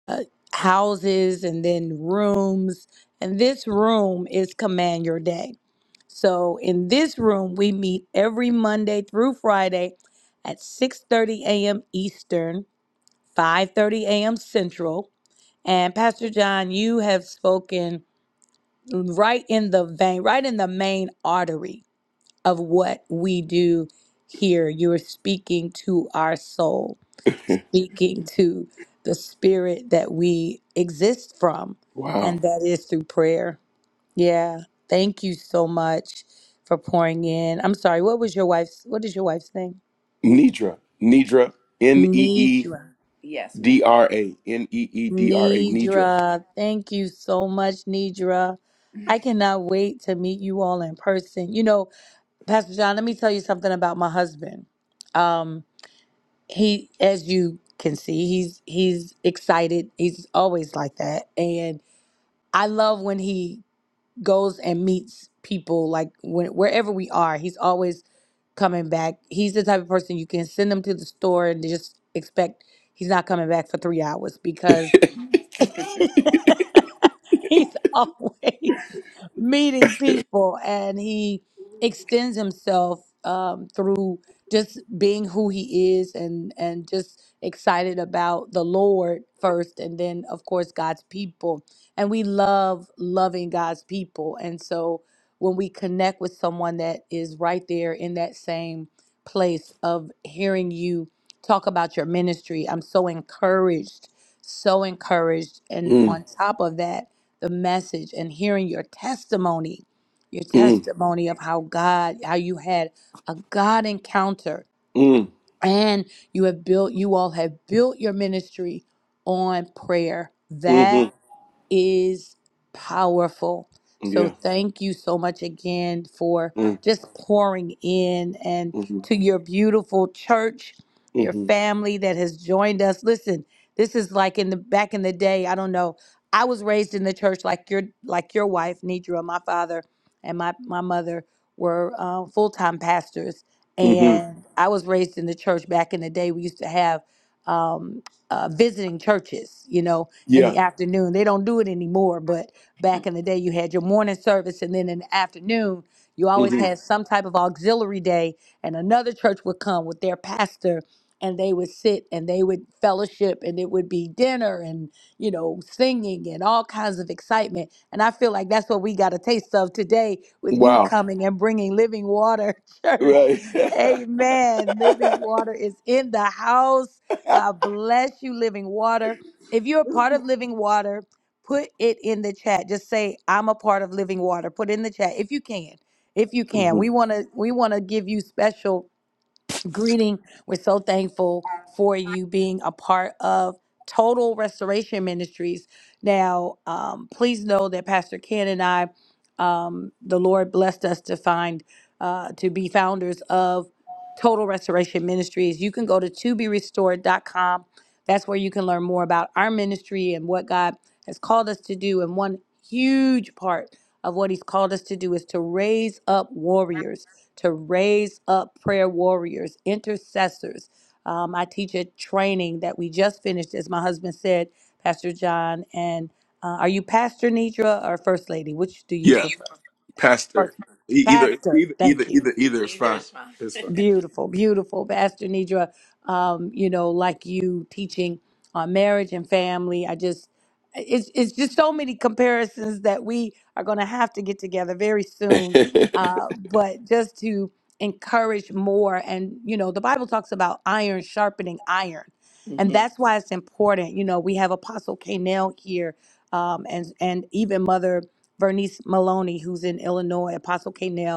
uh, houses and then rooms. And this room is Command Your Day. So in this room, we meet every Monday through Friday at 6:30 a.m. Eastern, 5:30 a.m. Central. And Pastor John, you have spoken right in the vein, right in the main artery of what we do here. You are speaking to our soul, speaking to the spirit that we exist from,
wow.
and that is through prayer. Yeah. Thank you so much for pouring in. I'm sorry, what was your wife's what is your wife's name?
Nidra. Nidra. N e e
Nidra.
d r a. N e e d r a. Nidra.
Nidra. Thank you so much, Nidra. I cannot wait to meet you all in person. You know, Pastor John, let me tell you something about my husband. Um, he as you can see he's he's excited he's always like that and i love when he goes and meets people like when, wherever we are he's always coming back he's the type of person you can send him to the store and they just expect he's not coming back for three hours because He's always meeting people and he extends himself um, through just being who he is and, and just excited about the Lord first and then, of course, God's people. And we love loving God's people. And so when we connect with someone that is right there in that same place of hearing you talk about your ministry, I'm so encouraged so encouraged. And
Mm.
on top of that, the message and hearing your testimony, your
Mm.
testimony of how God, how you had a God encounter
Mm.
and you have built, you all have built your ministry on prayer. That
Mm.
is powerful. So
Yeah.
thank you so much again for
Mm.
just pouring in and
Mm.
to your beautiful church, your
Mm.
family that has joined us. Listen, this is like in the back in the day, I don't know. I was raised in the church like your like your wife, Nidra. My father and my, my mother were uh, full-time pastors.
Mm.
And I was raised in the church back in the day. We used to have um, uh, visiting churches, you know, in
Yeah.
the afternoon. They don't do it anymore, but back in the day, you had your morning service, and then in the afternoon, you always
Hmm.
had some type of auxiliary day, and another church would come with their pastor. And they would sit and they would fellowship, and it would be dinner and, you know, singing and all kinds of excitement. And I feel like that's what we got a taste of today with you
Wow.
coming and bringing living water, church.
Right.
Amen. Living water is in the house. God bless you, Living Water. If you're a part of Living Water, put it in the chat. Just say I'm a part of Living Water. Put it in the chat if you can. If you can.
hmm
We want to we want to give you special greeting. We're so thankful for you being a part of Total Restoration Ministries. Now, um, please know that Pastor Ken and I, um, the Lord blessed us to find, uh, to be founders of Total Restoration Ministries. You can go to to be restored dot com. That's where you can learn more about our ministry and what God has called us to do. And one huge part of what He's called us to do is to raise up warriors to raise up prayer warriors, intercessors. Um, I teach a training that we just finished, as my husband said, Pastor John. And uh, are you Pastor Nidra or First Lady? Which do you
Yeah.
prefer?
Pastor.
First.
E- Either
Pastor.
either either
Thank you.
either either is Either fine. is fine.
Beautiful, beautiful, Pastor Nidra. Um, you know, like you teaching on marriage and family. I just, it's it's just so many comparisons that we are going to have to get together very soon.
It's fine.
Uh, but just to encourage more, and you know, the Bible talks about iron sharpening iron, and that's why it's important. You know, we have Apostle Kanell here, um, and and even Mother Vernice Maloney, who's in Illinois. Apostle Kanell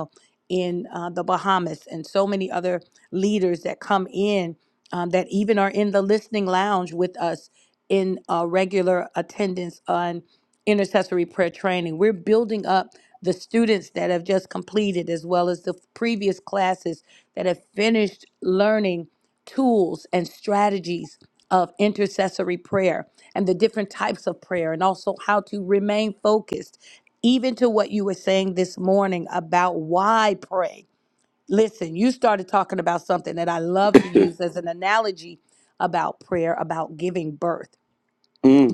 in uh, the Bahamas and so many other leaders that come in um, that even are in the listening lounge with us in uh, regular attendance on intercessory prayer training. We're building up the students that have just completed, as well as the previous classes that have finished learning tools and strategies of intercessory prayer and the different types of prayer, and also how to remain focused even to what you were saying this morning about why pray. Listen, you started talking about something that I love to
hmm
use as an analogy about prayer, about giving birth.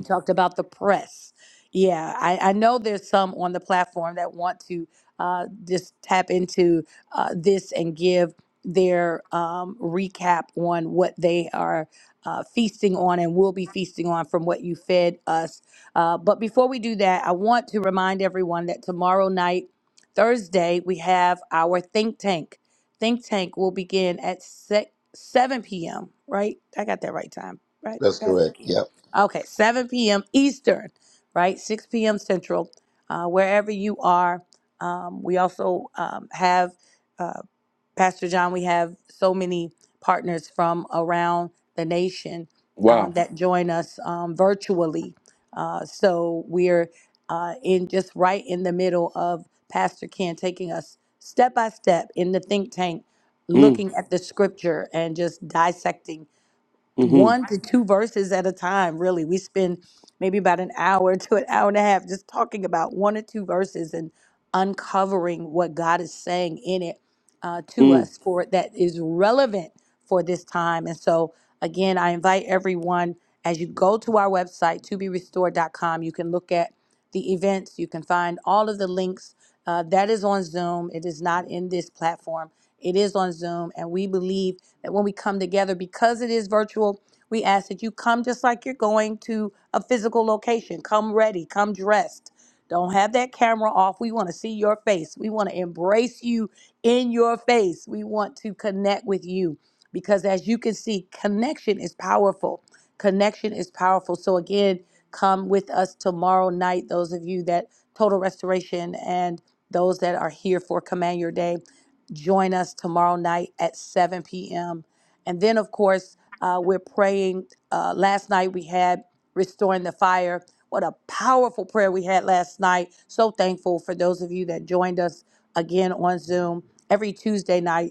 He talked about the press. Yeah, I, I know there's some on the platform that want to uh, just tap into uh, this and give their um, recap on what they are uh, feasting on and will be feasting on from what you fed us. Uh, but before we do that, I want to remind everyone that tomorrow night, Thursday, we have our think tank. Think tank will begin at se- 7 p.m., right? I got that right time, right, Pastor Keith? Okay, 7 p.m. Eastern, right? 6 p.m. Central, uh, wherever you are. Um, we also um, have, uh, Pastor John, we have so many partners from around the nation um,
Wow.
that join us um, virtually. Uh, so we're uh, in just right in the middle of Pastor Ken taking us step by step in the think tank,
Mm.
looking at the scripture and just dissecting
hmm
one to two verses at a time, really. We spend maybe about an hour to an hour and a half just talking about one or two verses and uncovering what God is saying in it uh, to
Mm.
us for that is relevant for this time. And so, again, I invite everyone as you go to our website, to be restored.com, you can look at the events, you can find all of the links. Uh, that is on Zoom, it is not in this platform. It is on Zoom, and we believe that when we come together, because it is virtual, we ask that you come just like you're going to a physical location. Come ready, come dressed. Don't have that camera off. We want to see your face. We want to embrace you in your face. We want to connect with you because, as you can see, connection is powerful. Connection is powerful. So, again, come with us tomorrow night, those of you that Total Restoration and those that are here for Command Your Day join us tomorrow night at 7 p.m. And then, of course, uh, we're praying. Uh, last night we had Restoring the Fire. What a powerful prayer we had last night. So thankful for those of you that joined us again on Zoom every Tuesday night.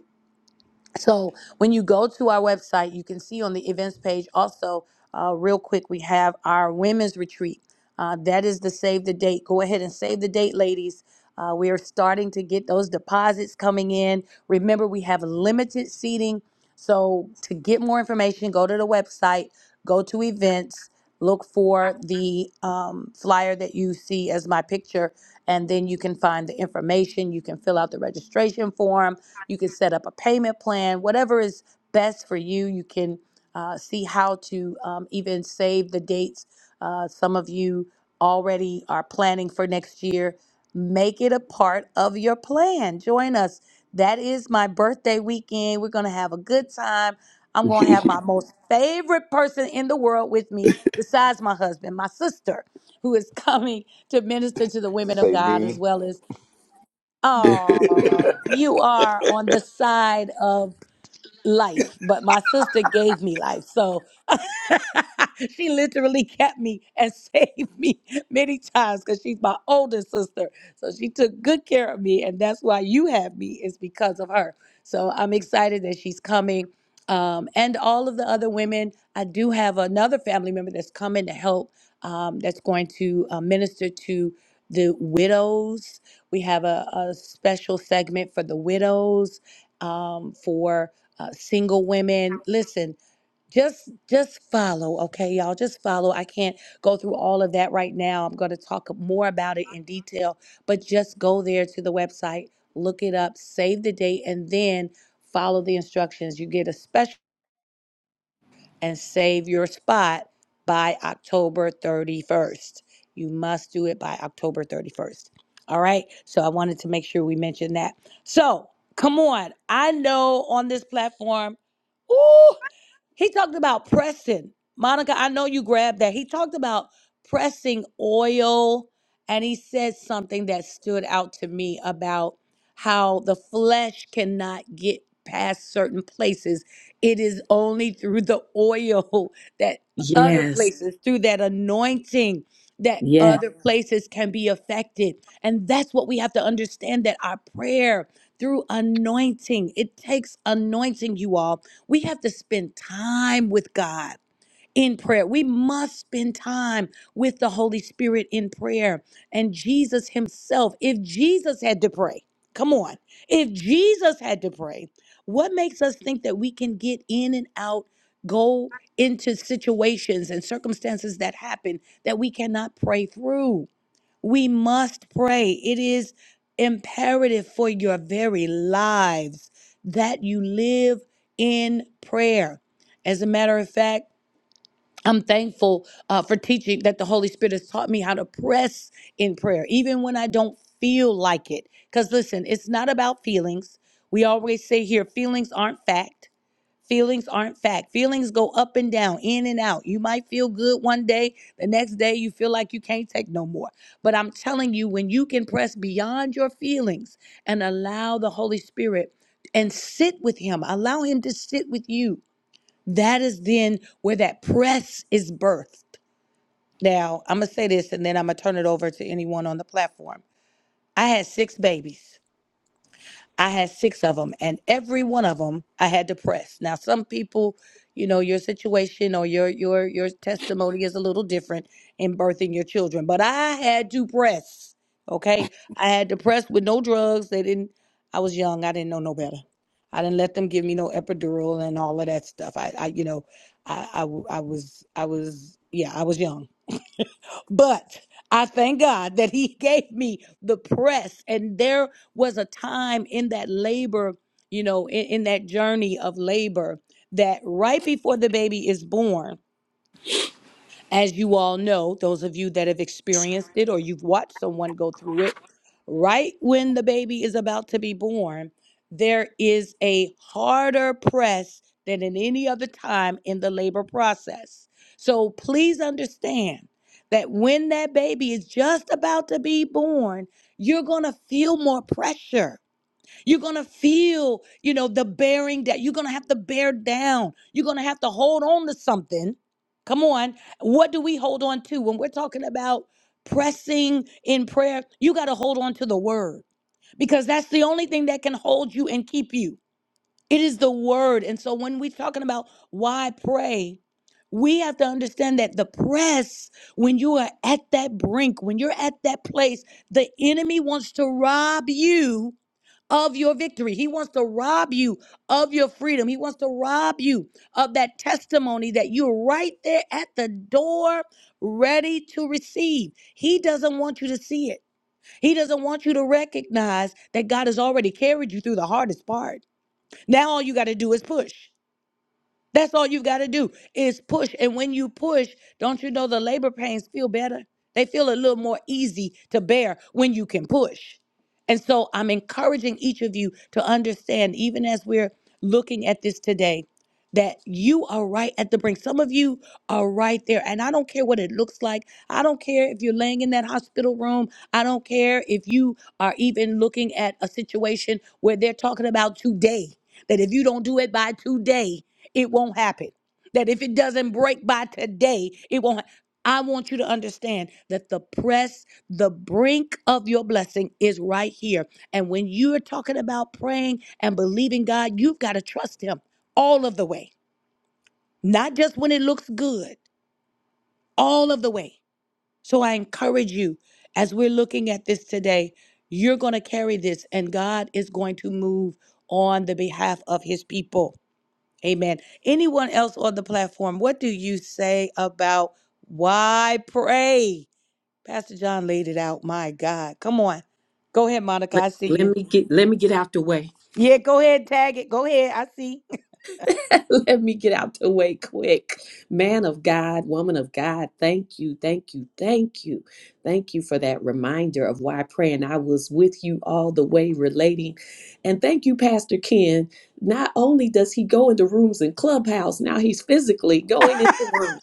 So when you go to our website, you can see on the events page also, uh, real quick, we have our women's retreat. Uh, that is the save the date. Go ahead and save the date, ladies. Uh, we are starting to get those deposits coming in. Remember, we have limited seating. So to get more information, go to the website, go to events, look for the um, flyer that you see as my picture, and then you can find the information. You can fill out the registration form you can set up a payment plan, whatever is best for you. You can uh, see how to um, even save the dates. Uh, some of you already are planning for next year. Make it a part of your plan. Join us. That is my birthday weekend. We're going to have a good time. I'm going to have my most favorite person in the world with me, besides my husband, my sister, who is coming to minister to the
To
women of
say
God as
me
well as Oh, you are on the side of life, but my sister gave me life. So she literally kept me and saved me many times because she's my older sister. So she took good care of me, and that's why you have me is because of her. So I'm excited that she's coming. Um, and all of the other women, I do have another family member that's coming to help. Um, that's going to uh, minister to the widows. We have a, a special segment for the widows um, for uh, single women. Listen, just just follow okay y'all just follow i can't go through all of that right now i'm going to talk more about it in detail but just go there to the website look it up save the date and then follow the instructions you get a special and save your spot by October 31st. You must do it by October 31st. All right. So I wanted to make sure we mentioned that. So come on. I know on this platform, Ooh. He talked about pressing. Monica, I know you grabbed that. He talked about pressing oil, and he said something that stood out to me about how the flesh cannot get past certain places. It is only through the oil that other
Yes.
places, through that anointing, that
Yes.
other Yeah. places can be affected. And that's what we have to understand that our prayer through anointing, it takes anointing, you all. We have to spend time with God in prayer. We must spend time with the Holy Spirit in prayer and Jesus Himself. If Jesus had to pray, come on, if Jesus had to pray, what makes us think that we can get in and out, go into situations and circumstances that happen that we cannot pray through? We must pray. It is imperative for your very lives that you live in prayer. As a matter of fact, I'm thankful uh, for teaching that the Holy Spirit has taught me how to press in prayer, even when I don't feel like it. Because listen, it's not about feelings. We always say here, feelings aren't fact. Feelings aren't fact. Feelings go up and down, in and out. You might feel good one day, the next day you feel like you can't take no more. But I'm telling you, when you can press beyond your feelings and allow the Holy Spirit and sit with Him, allow Him to sit with you, that is then where that press is birthed. Now, I'm going to say this and then I'm going to turn it over to anyone on the platform. I had six babies. I had six of them, and every one of them I had to press. Now, some people, you know, your situation or your your your testimony is a little different in birthing your children, but I had to press. Okay, I had to press with no drugs. They didn't. I was young. I didn't know no better. I didn't let them give me no epidural and all of that stuff. I, I you know, I, I w- I was I was yeah I was young but I thank God that He gave me the press. And there was a time in that labor, you know, in, in that journey of labor, that right before the baby is born, as you all know, those of you that have experienced it or you've watched someone go through it, right when the baby is about to be born, there is a harder press than in any other time in the labor process. So please understand that when that baby is just about to be born, you're going to feel more pressure you're going to feel, you know, the bearing that you're going to have to bear down. You're going to have to hold on to something. Come on. What do we hold on to when we're talking about pressing in prayer? You got to hold on to the word because that's the only thing that can hold you and keep you. It is the word. And so when we're talking about why pray, we have to understand that the press, when you are at that brink, when you're at that place, the enemy wants to rob you of your victory. He wants to rob you of your freedom. He wants to rob you of that testimony that you're right there at the door ready to receive. He doesn't want you to see it. He doesn't want you to recognize that God has already carried you through the hardest part. Now all you got to do is push. That's all you've got to do is push. And when you push, don't you know the labor pains feel better? They feel a little more easy to bear when you can push. And so I'm encouraging each of you to understand, even as we're looking at this today, that you are right at the brink. Some of you are right there. And I don't care what it looks like. I don't care if you're laying in that hospital room. I don't care if you are even looking at a situation where they're talking about today, that if you don't do it by today, it won't happen. That if it doesn't break by today, it won't. ha- I want you to understand that the press, the brink of your blessing is right here. And when you're talking about praying and believing God, you've got to trust Him all of the way, not just when it looks good, all of the way. So I encourage you as we're looking at this today, you're going to carry this, and God is going to move on the behalf of His people. Amen. Anyone else on the platform, what do you say about why pray? Pastor John laid it out. My God. Come on. Go ahead, Monica.
Let,
I see
let
you.
me get let me get out the way.
Yeah, go ahead. Tag it. Go ahead. I see.
Let me get out the way quick. Man of God, woman of God, thank you, thank you, thank you. Thank you for that reminder of why praying I was with you all the way relating. And thank you, Pastor Ken. Not only does he go into rooms in Clubhouse, now he's physically going into rooms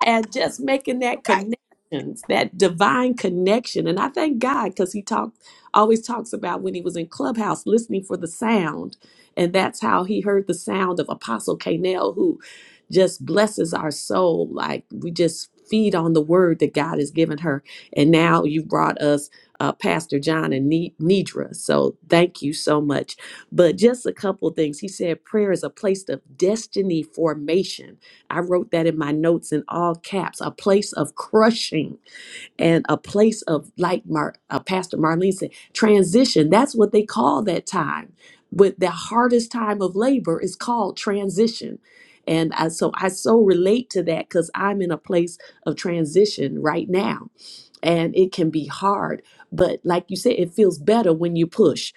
and just making that
right.
connections that divine connection and i thank god because he talked always talks about when he was in clubhouse listening for the sound and that's how he heard the sound of apostle Canel, who just blesses our soul like we just feed on the word that god has given her and now you brought us uh, pastor john and Ne- nidra so thank you so much but just a couple of things he said prayer is a place of destiny formation I wrote that in my notes in all caps a place of crushing and a place of, like Mar- uh, Pastor Marlene said, transition. That's what they call that time. But the hardest time of labor is called transition. And I, so I so relate to that because I'm in a place of transition right now and it can be hard but like you said it feels better when you push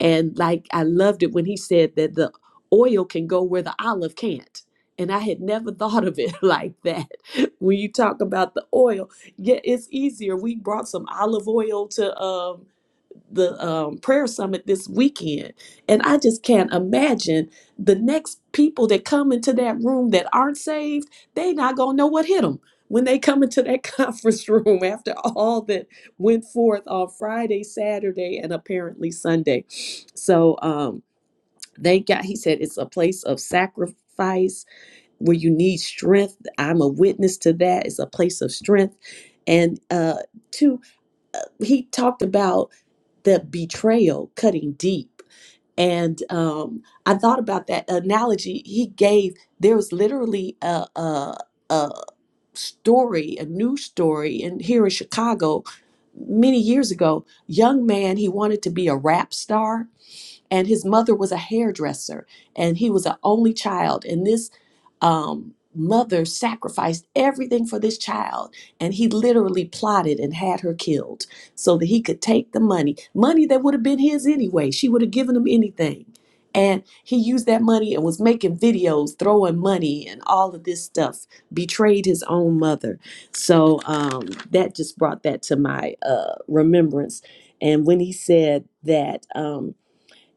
and like i loved it when he said that the oil can go where the olive can't and i had never thought of it like that when you talk about the oil yeah it's easier we brought some olive oil to um the um, prayer summit this weekend. And I just can't imagine the next people that come into that room that aren't saved, they not going to know what hit them when they come into that conference room after all that went forth on Friday, Saturday, and apparently Sunday. So um, they got, he said, it's a place of sacrifice where you need strength. I'm a witness to that. It's a place of strength. And uh, two, he talked about the betrayal cutting deep. And um, I thought about that analogy he gave. There was literally a, a, a story, a news story, and here in Chicago many years ago, young man, he wanted to be a rap star, and his mother was a hairdresser, and he was an only child. And this um, mother sacrificed everything for this child, and he literally plotted and had her killed so that he could take the money, money that would have been his anyway. She would have given him anything. And he used that money and was making videos, throwing money and all of this stuff, betrayed his own mother. So um, that just brought that to my uh, remembrance. And when he said that, um,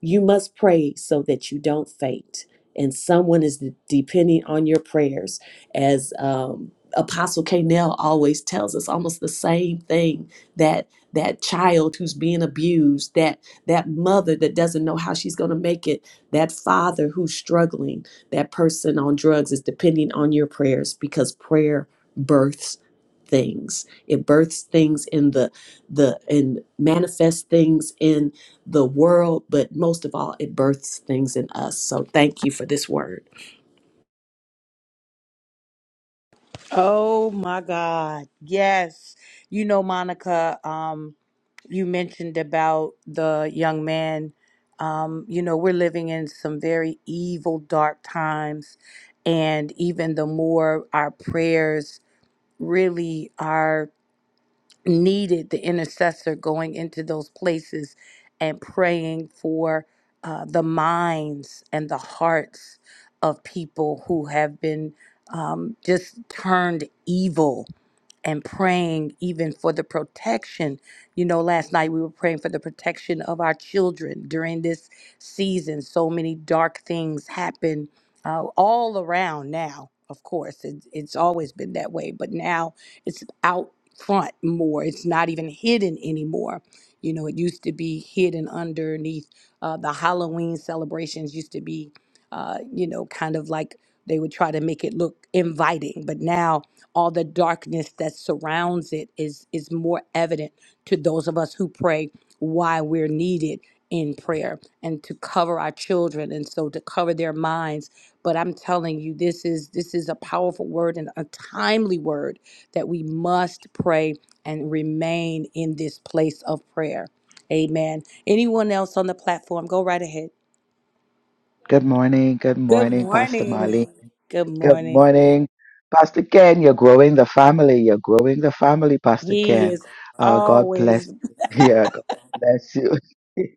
you must pray so that you don't faint. And someone is depending on your prayers. As um, Apostle Kanell always tells us, almost the same thing that that child who's being abused, that that mother that doesn't know how she's going to make it, that father who's struggling, that person on drugs is depending on your prayers because prayer births things. It births things in the the and manifests things in the world, but most of all, it births things in us. So thank you for this word.
Oh my God. Yes. You know, Monica, um, you mentioned about the young man. Um, you know, we're living in some very evil, dark times. And even the more our prayers really are needed the intercessor going into those places and praying for uh, the minds and the hearts of people who have been um, just turned evil and praying even for the protection. You know, last night we were praying for the protection of our children during this season. So many dark things happen uh, all around now, of course. It, it's always been that way, but now it's out front more. It's not even hidden anymore. You know, it used to be hidden underneath uh, the Halloween celebrations, used to be, uh, you know, kind of like they would try to make it look inviting, but now all the darkness that surrounds it is is more evident to those of us who pray why we're needed in prayer and to cover our children and so to cover their minds but i'm telling you this is this is a powerful word and a timely word that we must pray and remain in this place of prayer amen anyone else on the platform go right ahead
Good morning. Good
good
morning, Pastor Molly.
morning good
Good
morning
morning, Pastor Ken. You're growing the family. You're growing the family, Pastor
he
Ken.
is
Uh, God bless.
always
Yeah, God bless you.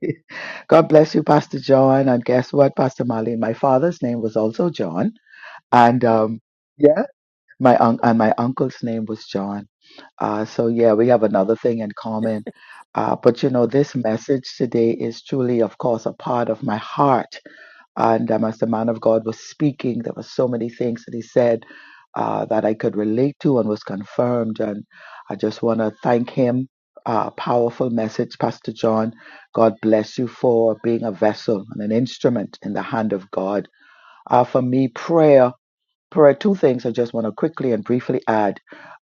God bless you, Pastor John. And guess what, Pastor Molly? My father's name was also John. And um, yeah, My un- and my uncle's name was John. Uh, so yeah, we have another thing in common. Uh, but you know, this message today is truly, of course, a part of my heart. And um, as the man of God was speaking, there were so many things that he said uh, that I could relate to and was confirmed. And I just want to thank him. Uh, powerful message, Pastor John. God bless you for being a vessel and an instrument in the hand of God. Uh, for me, prayer prayer two things i just want to quickly and briefly add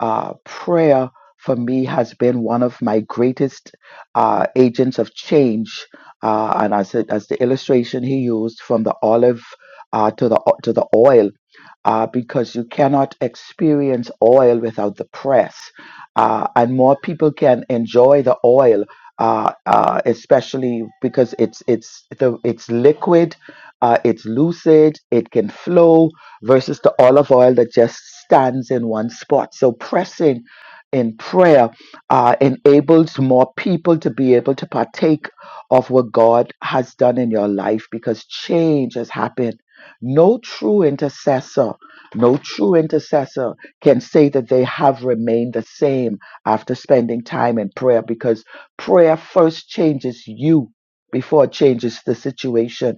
uh, prayer for me has been one of my greatest uh, agents of change uh, and as, it, as the illustration he used from the olive uh, to the to the oil uh, because you cannot experience oil without the press. Uh, and more people can enjoy the oil, uh, uh, especially because it's it's the, it's liquid, uh, it's lucid, it can flow, versus the olive oil that just stands in one spot. So pressing in prayer uh, enables more people to be able to partake of what God has done in your life because change has happened. No true intercessor, no true intercessor can say that they have remained the same after spending time in prayer because prayer first changes you before it changes the situation.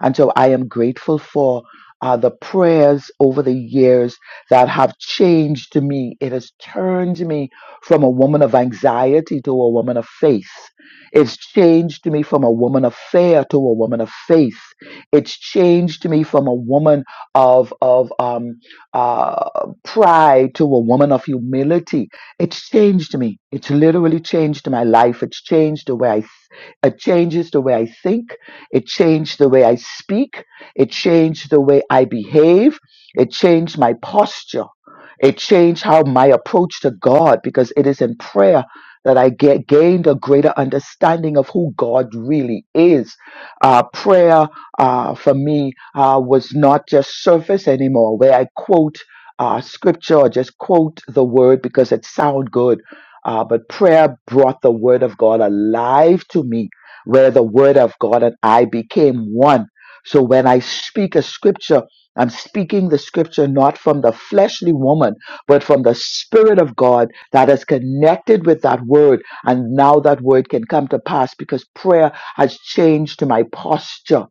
And so I am grateful for uh, the prayers over the years that have changed me. It has turned me from a woman of anxiety to a woman of faith. It's changed me from a woman of fear to a woman of faith. It's changed me from a woman of of um, uh, pride to a woman of humility. It's changed me. It's literally changed my life. It's changed the way I. Th- it changes the way I think. It changed the way I speak it changed the way I behave. It changed my posture. It changed how my approach to God, because it is in prayer that I get gained a greater understanding of who God really is. Uh, prayer uh, for me uh, was not just surface anymore, where I quote uh, scripture or just quote the word because it sound good. Uh, but prayer brought the word of God alive to me, where the word of God and I became one so when I speak a scripture, I'm speaking the scripture not from the fleshly woman, but from the Spirit of God that is connected with that word. And now that word can come to pass because prayer has changed my posture.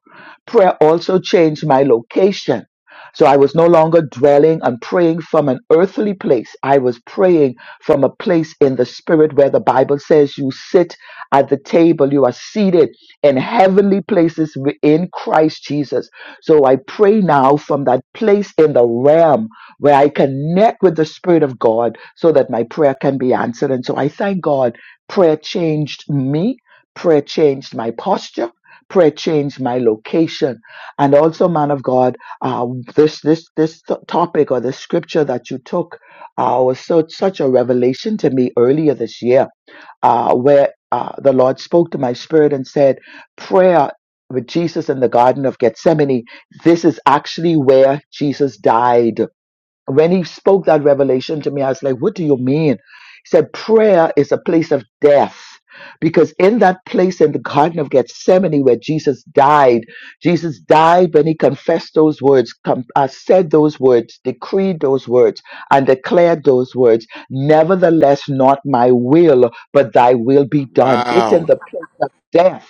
Prayer also changed my location. So I was no longer dwelling and praying from an earthly place. I was praying from a place in the spirit where the Bible says you sit at the table, you are seated in heavenly places wi- in Christ Jesus. So I pray now from that place in the realm where I connect with the Spirit of God so that my prayer can be answered. And so I thank God prayer changed me, prayer changed my posture. Prayer changed my location, and also, man of God, uh, this this this th- topic or the scripture that you took uh, was so, such a revelation to me earlier this year uh, where uh, the Lord spoke to my spirit and said, Prayer with Jesus in the Garden of Gethsemane, this is actually where Jesus died when he spoke that revelation to me, I was like, What do you mean? He said, Prayer is a place of death. Because in that place in the Garden of Gethsemane where Jesus died, Jesus died when he confessed those words, com- uh, said those words, decreed those words, and declared those words. Nevertheless, not my will, but thy will be done. It's in
Wow.
the place of death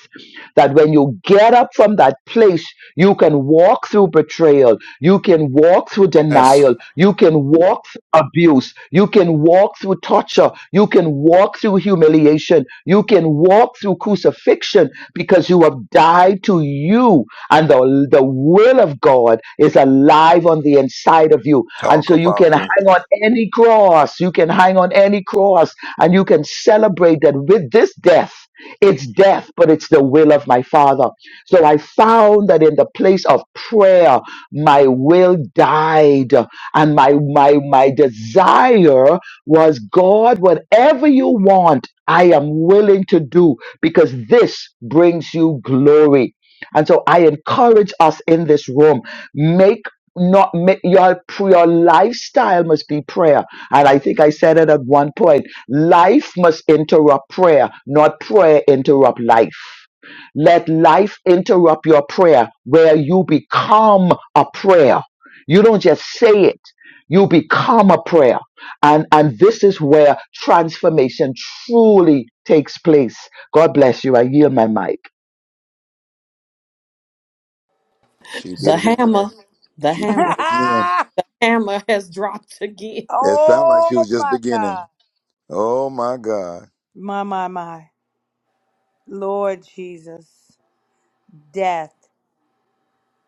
that when you get up from that place, you can walk through betrayal. You can walk through
Yes.
denial. You can walk through abuse. You can walk through torture. You can walk through humiliation. You can walk through crucifixion because you have died to you and the, the will of God is alive on the inside of you. And
talk
so you can
apostle.
hang on any cross. You can hang on any cross and you can celebrate that with this death, it's death, but it's the will of my Father. So I found that in the place of prayer, my will died and my my my desire was God whatever you want I am willing to do because this brings you glory and so I encourage us in this room make not make your your lifestyle must be prayer and I think I said it at one point life must interrupt prayer not prayer interrupt life let life interrupt your prayer where you become a prayer. You don't just say it, you become a prayer. And, and this is where transformation truly takes place. God bless you. I yield my mic.
She did
The
it
hammer,
again.
the
She did it
hammer,
again.
hammer has dropped again.
It sounded like
Oh
she was just
my
beginning.
God.
Oh my God.
My, my, my. Lord Jesus. Death.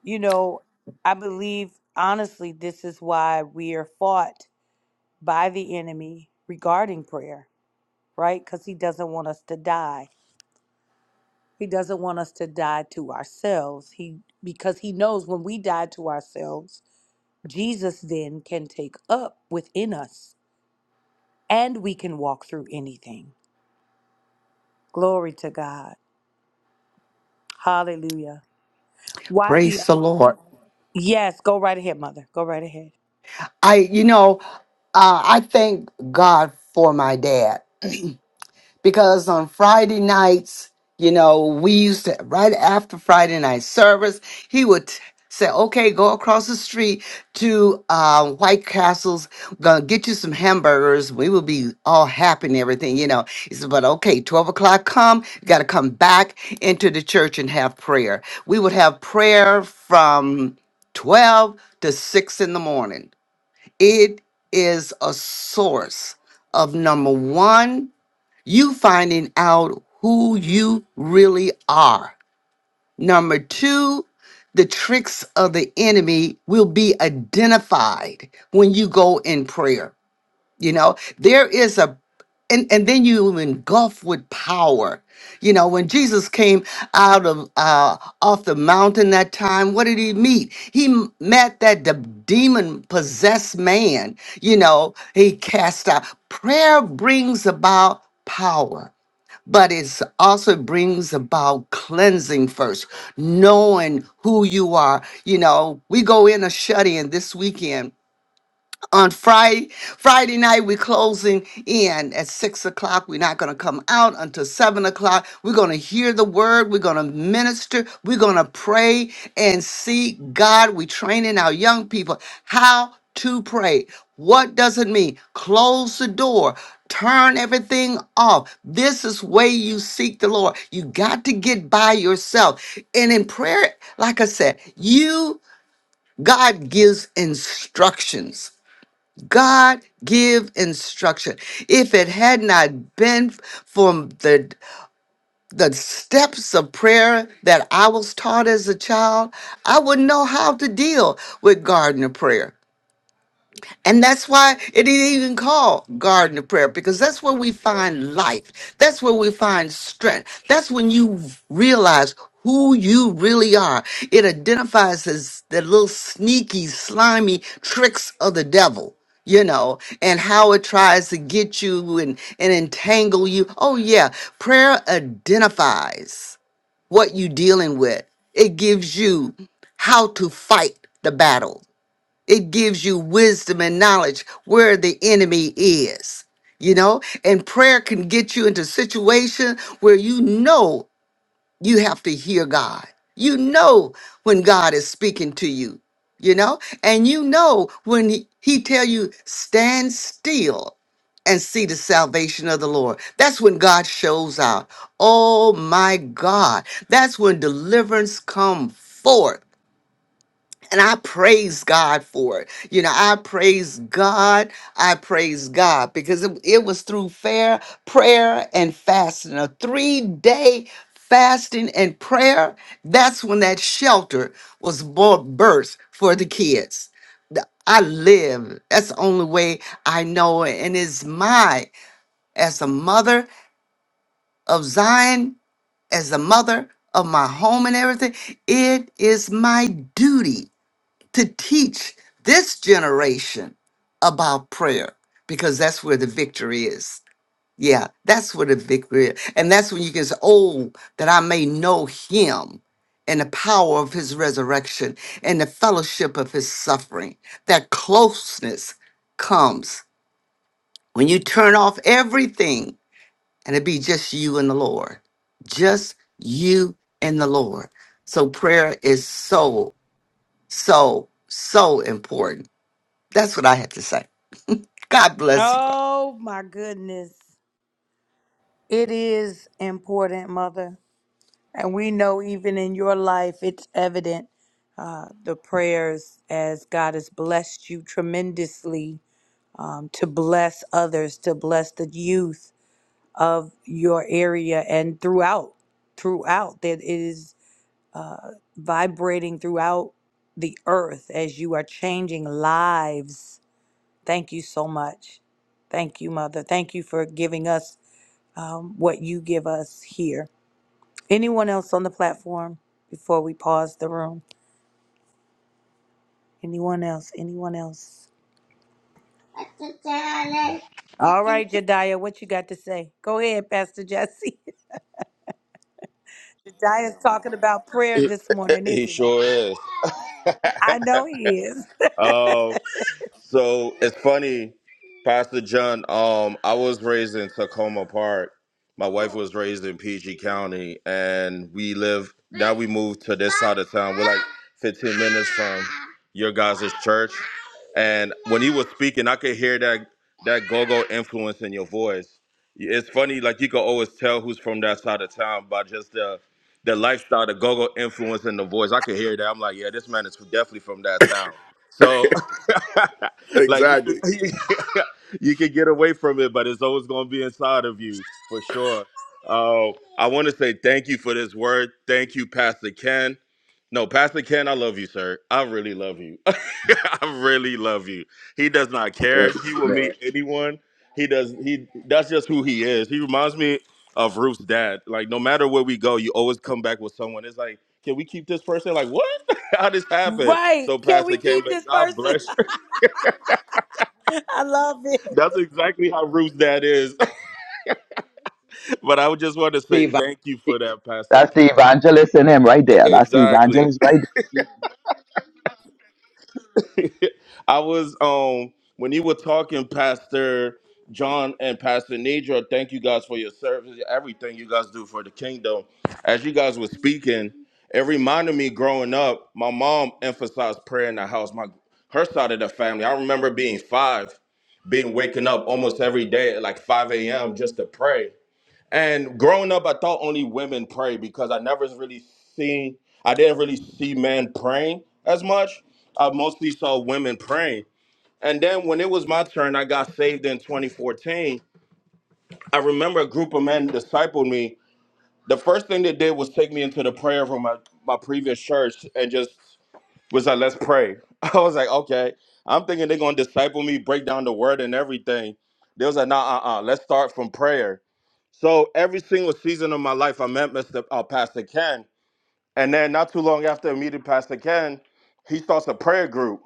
You know, I believe, honestly, this is why we are fought by the enemy regarding prayer, right? Because he doesn't want us to die. He doesn't want us to die to ourselves. He because he knows when we die to ourselves, Jesus then can take up within us and we can walk through anything. Glory to God. Hallelujah. Why we
Praise the Lord.
Yes, go right ahead, mother. Go right ahead.
I, you know, uh, I thank God for my dad. because on Friday nights, you know, we used to, right after Friday night service, he would t- say, okay, go across the street to uh, White Castle's, gonna get you some hamburgers. We will be all happy and everything, you know. He said, but okay, 12 o'clock come, you gotta come back into the church and have prayer. We would have prayer from 12 to 6 in the morning. It is a source of number one you finding out who you really are. Number two, the tricks of the enemy will be identified when you go in prayer. You know, there is a and, and then you engulf with power. You know, when Jesus came out of uh, off the mountain that time, what did he meet? He m- met that de- demon possessed man. You know, he cast out. Prayer brings about power but it also brings about cleansing first, knowing who you are. You know, we go in a shut in this weekend on Friday. Friday night, we're closing in at six o'clock. We're not going to come out until seven o'clock. We're going to hear the word. We're going to minister. We're going to pray and seek God. We're training our young people how to pray. What does it mean? Close the door. Turn everything off. This is way you seek the Lord. You got to get by yourself. And in prayer, like I said, you God gives instructions. God give instruction. If it had not been for the the steps of prayer that I was taught as a child, I wouldn't know how to deal with gardener prayer. And that's why it is even called garden of prayer, because that's where we find life. That's where we find strength. That's when you realize who you really are. It identifies as the little sneaky, slimy tricks of the devil. You know, and how it tries to get you and, and entangle you. Oh, yeah. Prayer identifies what you are dealing with. It gives you how to fight the battle. It gives you wisdom and knowledge where the enemy is, you know? And prayer can get you into a situation where you know you have to hear God. You know when God is speaking to you, you know? And you know when he, he tell you stand still and see the salvation of the Lord. That's when God shows out. Oh my God. That's when deliverance come forth and I praise God for it. You know, I praise God. I praise God because it, it was through fair prayer and fasting, a three day fasting and prayer. That's when that shelter was born, birthed for the kids. The- I live. That's the only way I know it. And it's my, as a mother of Zion, as a mother of my home and everything, it is my duty to teach this generation about prayer because that's where the victory is. Yeah, that's where the victory is. And that's when you can say, Oh, that I may know him and the power of his resurrection and the fellowship of his suffering. That closeness comes when you turn off everything and it be just you and the Lord. Just you and the Lord. So prayer is so, so, so important that's what I have to say. God bless you.
Oh my goodness. It is important, mother. And we know even in your life, it's evident uh, the prayers as God has blessed you tremendously um, to bless others, to bless the youth of your area and throughout, throughout that it is uh, vibrating throughout the earth as you are changing lives Thank you so much. Thank you, Mother. Thank you for giving us um, what you give us here. Anyone else on the platform before we pause the room? Anyone else? Anyone else? All right, Jediah, what you got to say? Go ahead, Pastor Jesse. Jediah's talking about prayer
He,
this morning,
he
isn't he?
sure is.
I know he is.
Um, So it's funny, Pastor John. Um, I was raised in Tacoma Park. My wife was raised in PG County, and we live now. We moved to this side of town. We're like 15 minutes from your guys' church. And when you were speaking, I could hear that that go-go influence in your voice. It's funny, like you can always tell who's from that side of town by just the the lifestyle, the go-go influence in the voice. I could hear that. I'm like, yeah, this man is definitely from that town. So like you
exactly.
could, you could get away from it, but it's always going to be inside of you for sure. Oh, I want to say thank you for this word. Thank you, Pastor Ken. No, Pastor Ken, I love you, sir. I really love you. I really love you. He does not
I
care.
love
He
you,
will
man.
meet anyone. He does. He that's just who he is. He reminds me of Ruth's dad. Like no matter where we go, you always come back with someone. It's like, can we keep this person? Like what? How this happened?
Right.
So
Can we
Pastor Ken,
keep
but
this
God
person?
bless
I love it.
that's exactly how Ruth's dad is. but I would just want to say thank you for that, Pastor
That's the
Ken.
evangelist in him right there. That's the
Exactly.
evangelist right there.
I was um when you were talking, Pastor John and Pastor Nidra, thank you guys for your service, everything you guys do for the kingdom. As you guys were speaking, it reminded me growing up, my mom emphasized prayer in the house. My her side of the family. I remember being five, being waking up almost every day at like 5 a.m. just to pray And growing up, I thought only women pray because I never really seen, I didn't really see men praying as much. I mostly saw women praying. And then when it was my turn, I got saved in 2014. I remember a group of men discipled me. The first thing they did was take me into the prayer room at my previous church and just was like, let's pray. I was like, okay. I'm thinking they're going to disciple me, break down the word and everything. They was like, nah, uh-uh, let's start from prayer. So every single season of my life, I met Mr. Uh, Pastor Ken, and then not too long after I meeting Pastor Ken, he starts a prayer group.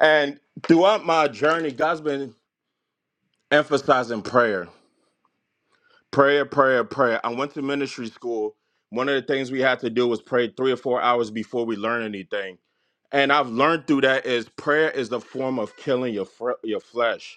And throughout my journey, God's been emphasizing prayer, prayer, prayer, prayer. I went to ministry school. One of the things we had to do was pray three or four hours before we learn anything. And I've learned through that is prayer is the form of killing your fr- your flesh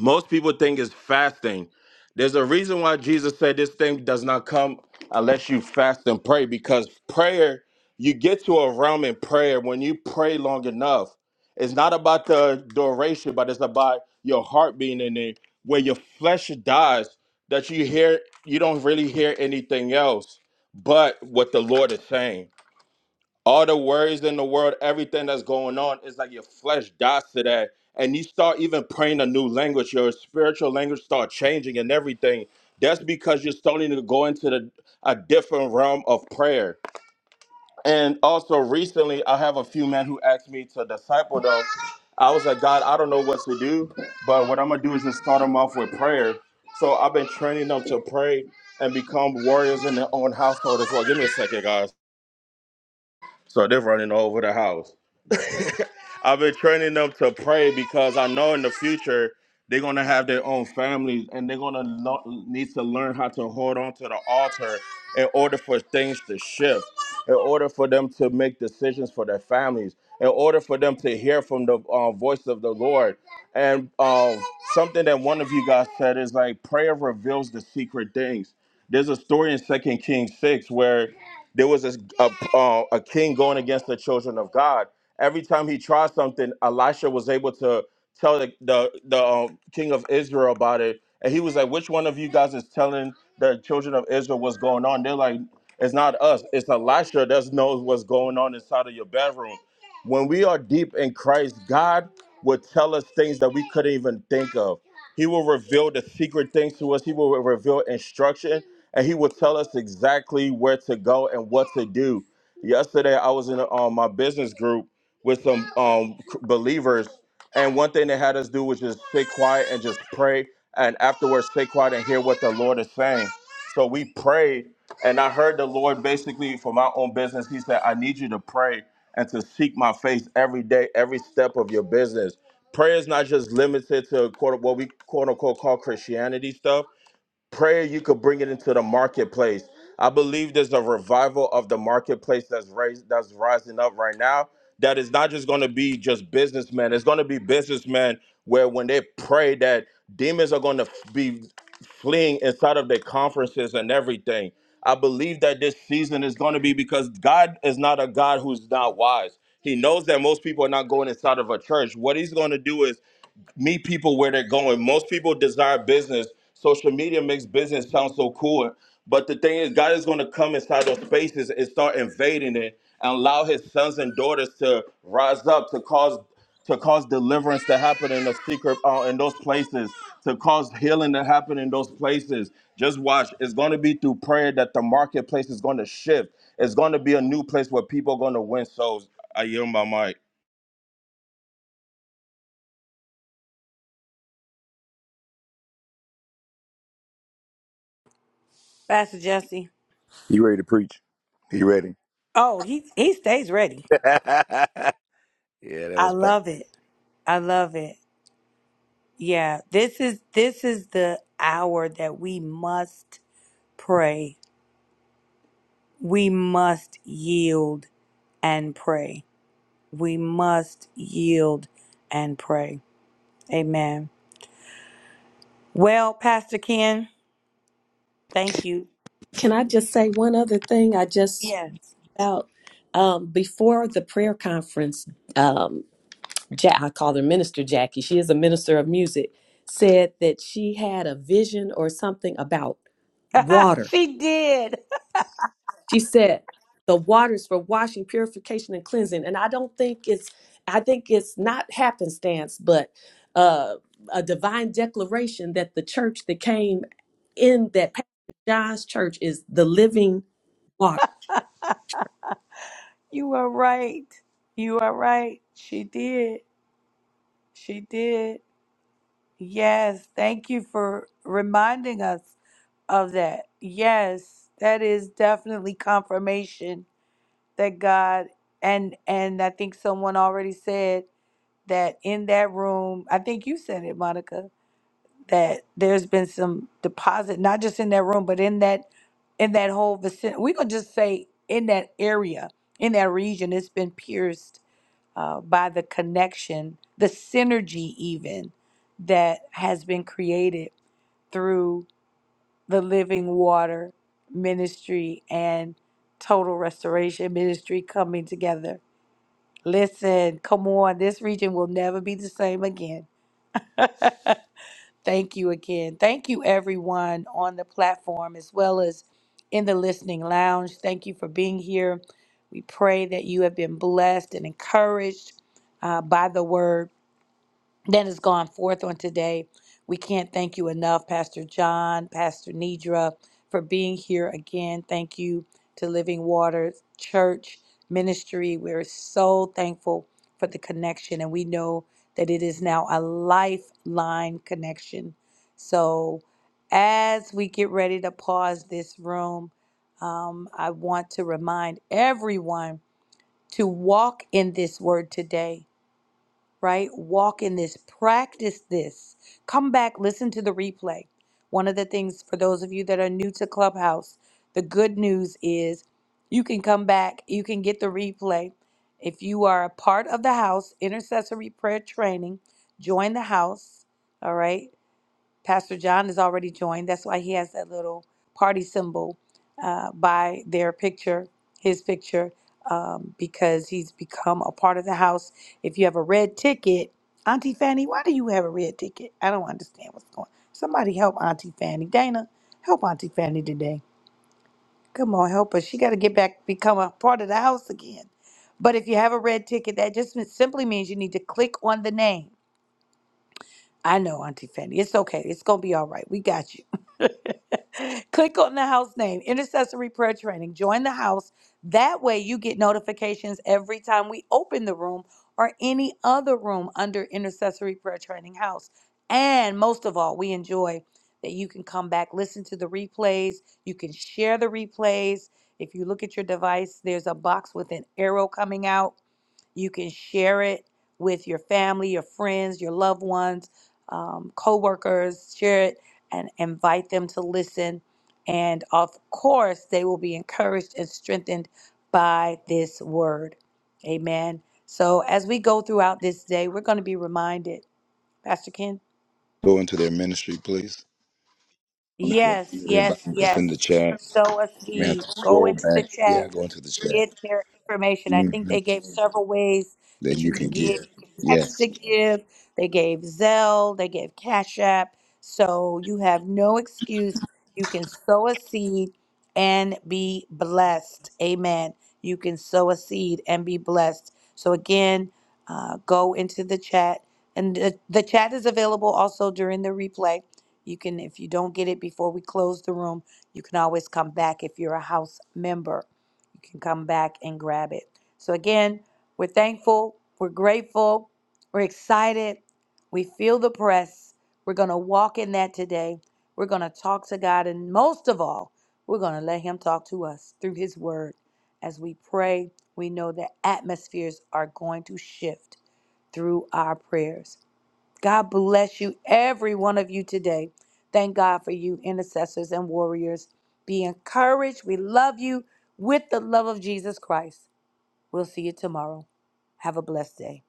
Most people think it's fasting. There's a reason why Jesus said this thing does not come unless you fast and pray, because prayer, you get to a realm in prayer when you pray long enough. It's not about the duration, but it's about your heart being in it, where your flesh dies, that you hear, you don't really hear anything else but what the Lord is saying all the worries in the world, everything that's going on, it's like your flesh dies to that. And you start even praying a new language, your spiritual language start changing and everything. That's because you're starting to go into the, a different realm of prayer. And also recently, I have a few men who asked me to disciple them. I was like, God, I don't know what to do, but what I'm gonna do is just start them off with prayer. So I've been training them to pray and become warriors in their own household as well. Give me a second, guys. So they're running all over the house. I've been training them to pray because I know in the future they're gonna have their own families and they're gonna lo- need to learn how to hold on to the altar in order for things to shift in order for them to make decisions for their families, in order for them to hear from the uh, voice of the Lord. And um, something that one of you guys said is like prayer reveals the secret things. There's a story in Second Kings six where there was this, a uh, a king going against the children of God. Every time he tried something, Elisha was able to tell the the, the um, king of Israel about it, and he was like, "Which one of you guys is telling the children of Israel what's going on?" They're like, "It's not us. It's Elisha that knows what's going on inside of your bedroom." When we are deep in Christ, God will tell us things that we couldn't even think of. He will reveal the secret things to us. He will reveal instruction, and He will tell us exactly where to go and what to do. Yesterday, I was in um, my business group with some um, c- believers, and one thing they had us do was just stay quiet and just pray. And afterwards, stay quiet and hear what the Lord is saying. So we prayed, and I heard the Lord basically for my own business. He said, I need you to pray and to seek my face every day, every step of your business. Prayer is not just limited to quote what we quote unquote call Christianity stuff prayer you could bring it into the marketplace i believe there's a revival of the marketplace that's raised that's rising up right now that is not just going to be just businessmen it's going to be businessmen where when they pray that demons are going to be fleeing inside of their conferences and everything i believe that this season is going to be because god is not a god who's not wise he knows that most people are not going inside of a church what he's going to do is meet people where they're going. Most people desire business. Social media makes business sound so cool. But the thing is, God is going to come inside those spaces and start invading it and allow his sons and daughters to rise up to cause to cause deliverance to happen in the secret uh, in those places to cause healing to happen in those places just watch it's going to be through prayer that the marketplace is going to shift it's going to be a new place where people are going to win souls i yield my mic
Pastor Jesse.
You ready to preach? You ready?
Oh, he he stays ready.
yeah, that
I
was powerful.
love it. I love it. Yeah, this is this is the hour that we must pray. We must yield and pray. We must yield and pray. Amen. Well, Pastor Ken, thank you.
Can I just say one other thing? I just
Yes.
about um, before the prayer conference, um, ja- I call her Minister Jackie. She is a minister of music. Said that she had a vision or something about water
she did.
She said, the waters for washing, purification, and cleansing. And I don't think it's, I think it's not happenstance, but uh, a divine declaration that the church that came in that Pastor John's church is the living water.
You are right. You are right. She did. She did. Yes, thank you for reminding us of that. Yes, that is definitely confirmation that God and and I think someone already said that in that room, I think you said it, Monica, that there's been some deposit, not just in that room, but in that in that whole vicinity. We going just say in that area, in that region, it's been pierced uh, by the connection, the synergy, even that has been created through the Living Water Ministry and Total Restoration Ministry coming together Listen, come on. This region will never be the same again. Thank you again. Thank you, everyone on the platform as well as in the listening lounge. Thank you for being here. We pray that you have been blessed and encouraged uh, by the word that has gone forth on today. We can't thank you enough, Pastor John, Pastor Nidra, for being here again. Thank you to Living Water Church Ministry. We're so thankful for the connection, and we know that it is now a lifeline connection. So, as we get ready to pause this room, um, I want to remind everyone to walk in this word today right? Walk in this, practice this. Come back, listen to the replay. One of the things for those of you that are new to Clubhouse, the good news is you can come back, you can get the replay. If you are a part of the house, intercessory prayer training, join the house, all right? Pastor John has already joined. That's why he has that little party symbol uh, by their picture, his picture, um, because he's become a part of the house. If you have a red ticket, Auntie Fanny, why do you have a red ticket? I don't understand what's going on. Somebody help Auntie Fanny. Dana, help Auntie Fanny today. Come on, help her. She got to get back, become a part of the house again. But if you have a red ticket, that just simply means you need to click on the name I know, Auntie Fanny. It's okay. It's gonna be all right. We got you. Click on the house name, Intercessory Prayer Training. Join the house. That way you get notifications every time we open the room or any other room under Intercessory Prayer Training House. And most of all, we enjoy that you can come back, listen to the replays. You can share the replays. If you look at your device, there's a box with an arrow coming out you can share it with your family, your friends, your loved ones, um, coworkers. Share it and invite them to listen. And of course, they will be encouraged and strengthened by this word. Amen. So as we go throughout this day, we're going to be reminded, Pastor Ken.
go into their ministry, please. I'm just
Yes,
reminding everybody
yes,
that's in the
yes.
chat.
Sow a
You may have
seed.
to
Go
scroll
into the
back.
chat
Yeah, go into the chat.
get their information. I think
hmm
they gave several ways
Then
that you
you
can
can
give.
give.
You can text
Yes.
to give. They gave Zelle. They gave Cash App. So you have no excuse. You can sow a seed and be blessed. Amen. You can sow a seed and be blessed. So again, uh, go into the chat, and the, the chat is available also during the replay. You can, if you don't get it before we close the room, you can always come back if you're a house member you can come back and grab it. So, again, we're thankful, we're grateful, we're excited, we feel the press. We're going to walk in that today. We're going to talk to God, and most of all, we're going to let Him talk to us through His Word. As we pray, we know that atmospheres are going to shift through our prayers. God bless you, every one of you today. Thank God for you, intercessors and warriors. Be encouraged. We love you with the love of Jesus Christ. We'll see you tomorrow. Have a blessed day.